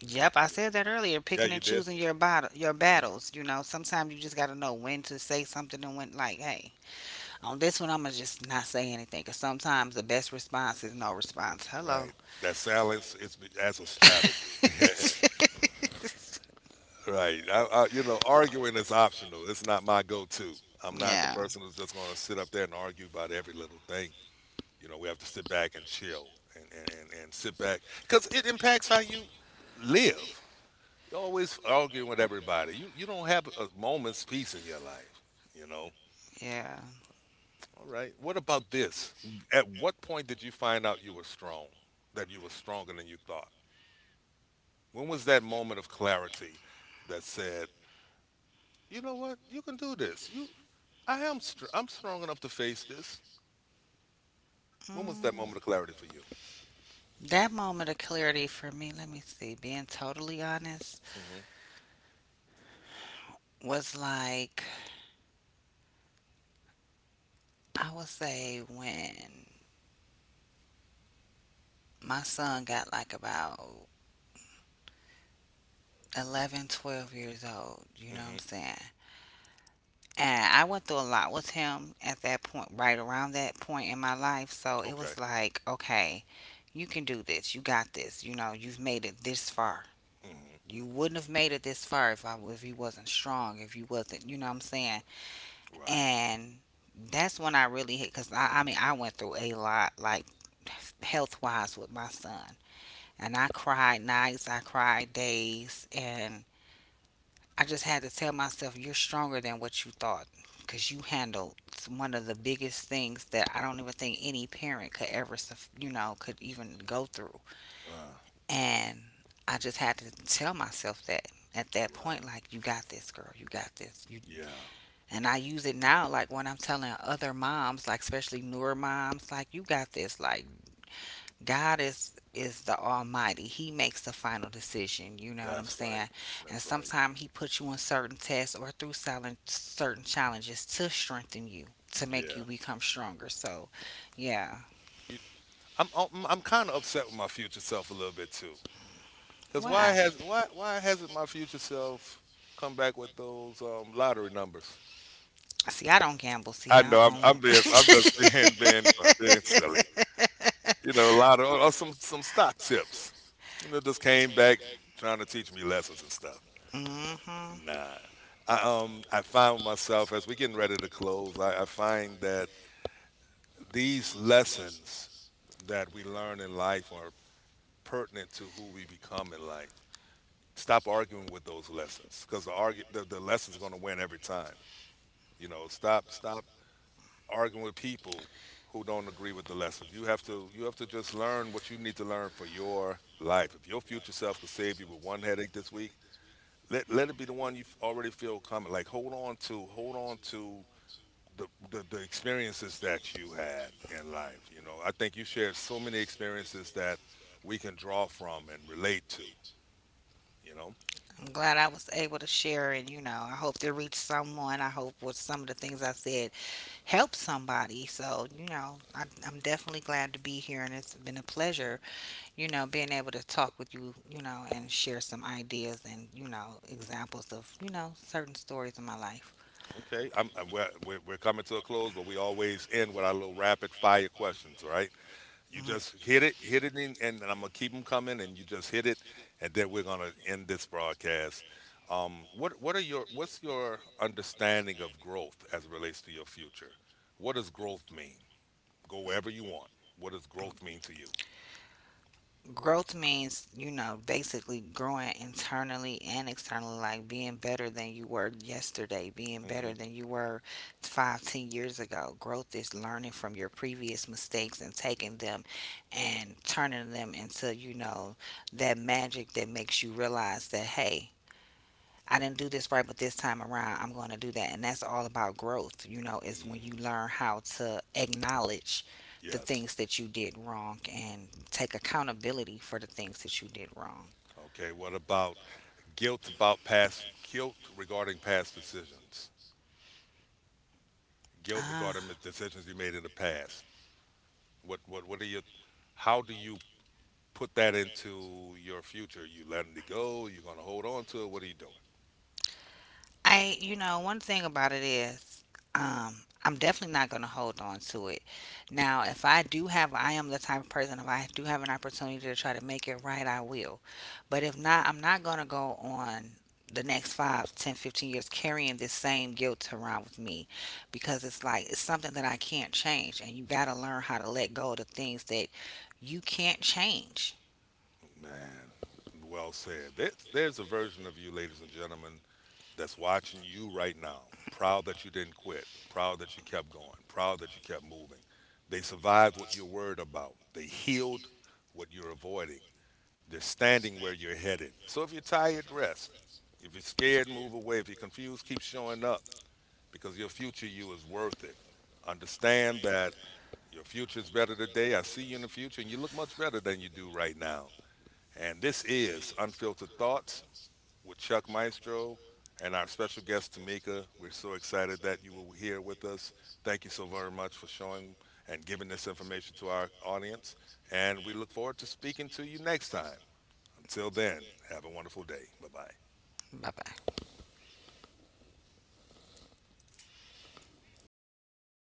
B: Yep, I said that earlier.
A: Yeah,
B: Picking
A: you
B: and
A: did.
B: choosing your
A: Hmm.
B: battles. You know, sometimes you just gotta know when to say something and when, like, hey, on this one, I'ma just not say anything. Cause sometimes the best response is no response. Hello.
A: Right. That silence is as a strategy. Right. You know, arguing is optional. It's not my go-to. I'm not the
B: Yeah,
A: person who's just going to sit up there and argue about every little thing. You know, we have to sit back and chill and sit back because it impacts how you live. You're always arguing with everybody. You don't have a moment's peace in your life. You know.
B: yeah.
A: All right. What about this? At what point did you find out you were strong? That you were stronger than you thought? When was that moment of clarity that said, "You know what? You can do this. I am. I'm strong enough to face this." When was that
B: Mm.
A: moment of clarity for you?
B: That moment of clarity for me, let me see, being totally honest,
A: Hmm.
B: was like I would say when my son got like about 11, 12 years old. You know what I'm
A: Hmm.
B: saying? And I went through a lot with him at that point, right around that point in my life. So it
A: Okay.
B: was like, okay, you can do this. You got this. You know, you've made it this far.
A: Hmm.
B: You wouldn't have made it this far if you wasn't strong, if you wasn't, you know what I'm saying?
A: Right.
B: And that's when I really hit because I mean I went through a lot like health wise with my son, and I cried nights, I cried days, and I just had to tell myself, you're stronger than what you thought because you handled one of the biggest things that I don't even think any parent could ever, you know, could even go through.
A: Uh,
B: And I just had to tell myself that at that point,
A: right.
B: like, you got this, girl, you got this. You,
A: Yeah.
B: and I use it now, like when I'm telling other moms, like especially newer moms, like, you got this, like, God is the Almighty. He makes the final decision. You know what I'm
A: That's right.
B: saying? And
A: That's right.
B: sometimes He puts you on certain tests or through silent, certain challenges to strengthen you, to make
A: Yeah.
B: you become stronger. So, yeah.
A: You, I'm I'm kind of upset with my future self a little bit too. Cause
B: Why?
A: why hasn't my future self come back with those, lottery numbers?
B: See, I don't gamble. See,
A: I
B: I
A: know I'm
B: don't.
A: being I'm just being, being silly. You know, a lot of or some stock tips. You know, just came back trying to teach me lessons and stuff.
B: Hmm.
A: Nah, I, I found myself as we getting ready to close. I find that these lessons that we learn in life are pertinent to who we become in life. Stop arguing with those lessons because the lesson's going to win every time. You know, stop arguing with people who don't agree with the lessons. You have to just learn what you need to learn for your life. If your future self could save you with one headache this week, let it be the one you already feel coming. Like, hold on to, the, the experiences that you had in life. You know, I think you shared so many experiences that we can draw from and relate to, you know.
B: I'm glad I was able to share it. You know, I hope it reached someone. I hope with some of the things I said help somebody. So, you know, I, I'm definitely glad to be here, and it's been a pleasure, you know, being able to talk with you, you know, and share some ideas and, you know, examples of, you know, certain stories in my life.
A: Okay, we're, we're coming to a close, but we always end with our little rapid fire questions. All right, you just hit it, in, and I'm gonna keep them coming, and you just hit it, and then we're gonna end this broadcast. What are your, what's your understanding of growth as it relates to your future? What does growth mean? Go wherever you want. What does growth mean to you?
B: Growth means you know basically growing internally and externally like being better than you were yesterday being better
A: Hmm.
B: than you were 5, 10 years ago growth is learning from your previous mistakes and taking them and turning them into you know that magic that makes you realize that hey I didn't do this right, but this time around, I'm going to do that. And that's all about growth, you know, is when
A: Mm,
B: you learn how to acknowledge the
A: yes.
B: things that that you did wrong. And take accountability for the things that you did wrong.
A: Okay. What about guilt? About past guilt regarding past decisions? Guilt regarding
B: Ah.
A: the decisions you made in the past. What are your, how do you put that into your future? You letting it go? You're gonna hold on to it? What are you doing?
B: I, you know, one thing about it is, um, I'm definitely not going to hold on to it. Now, if I do have, I am the type of person, if I do have an opportunity to try to make it right, I will. But if not, I'm not going to go on the next 5, 10, 15 years carrying this same guilt around with me because it's like, it's something that I can't change. And you got to learn how to let go of the things that you can't change.
A: Man, well said. There's a version of you, ladies and gentlemen, that's watching you right now. Proud that you didn't quit. Proud that you kept going. Proud that you kept moving. They survived what you're worried about. They healed what you're avoiding. They're standing where you're headed. So if you're tired, rest. If you're scared, move away. If you're confused, keep showing up because your future you is worth it. Understand that your future is better today. I see you in the future, and you look much better than you do right now. And this is Unfiltered Thoughts with Chuck Maestro and our special guest, Tamika. We're so excited that you were here with us. Thank you so very much for showing and giving this information to our audience. And we look forward to speaking to you next time. Until then, have a wonderful day. Bye bye.
B: Bye bye.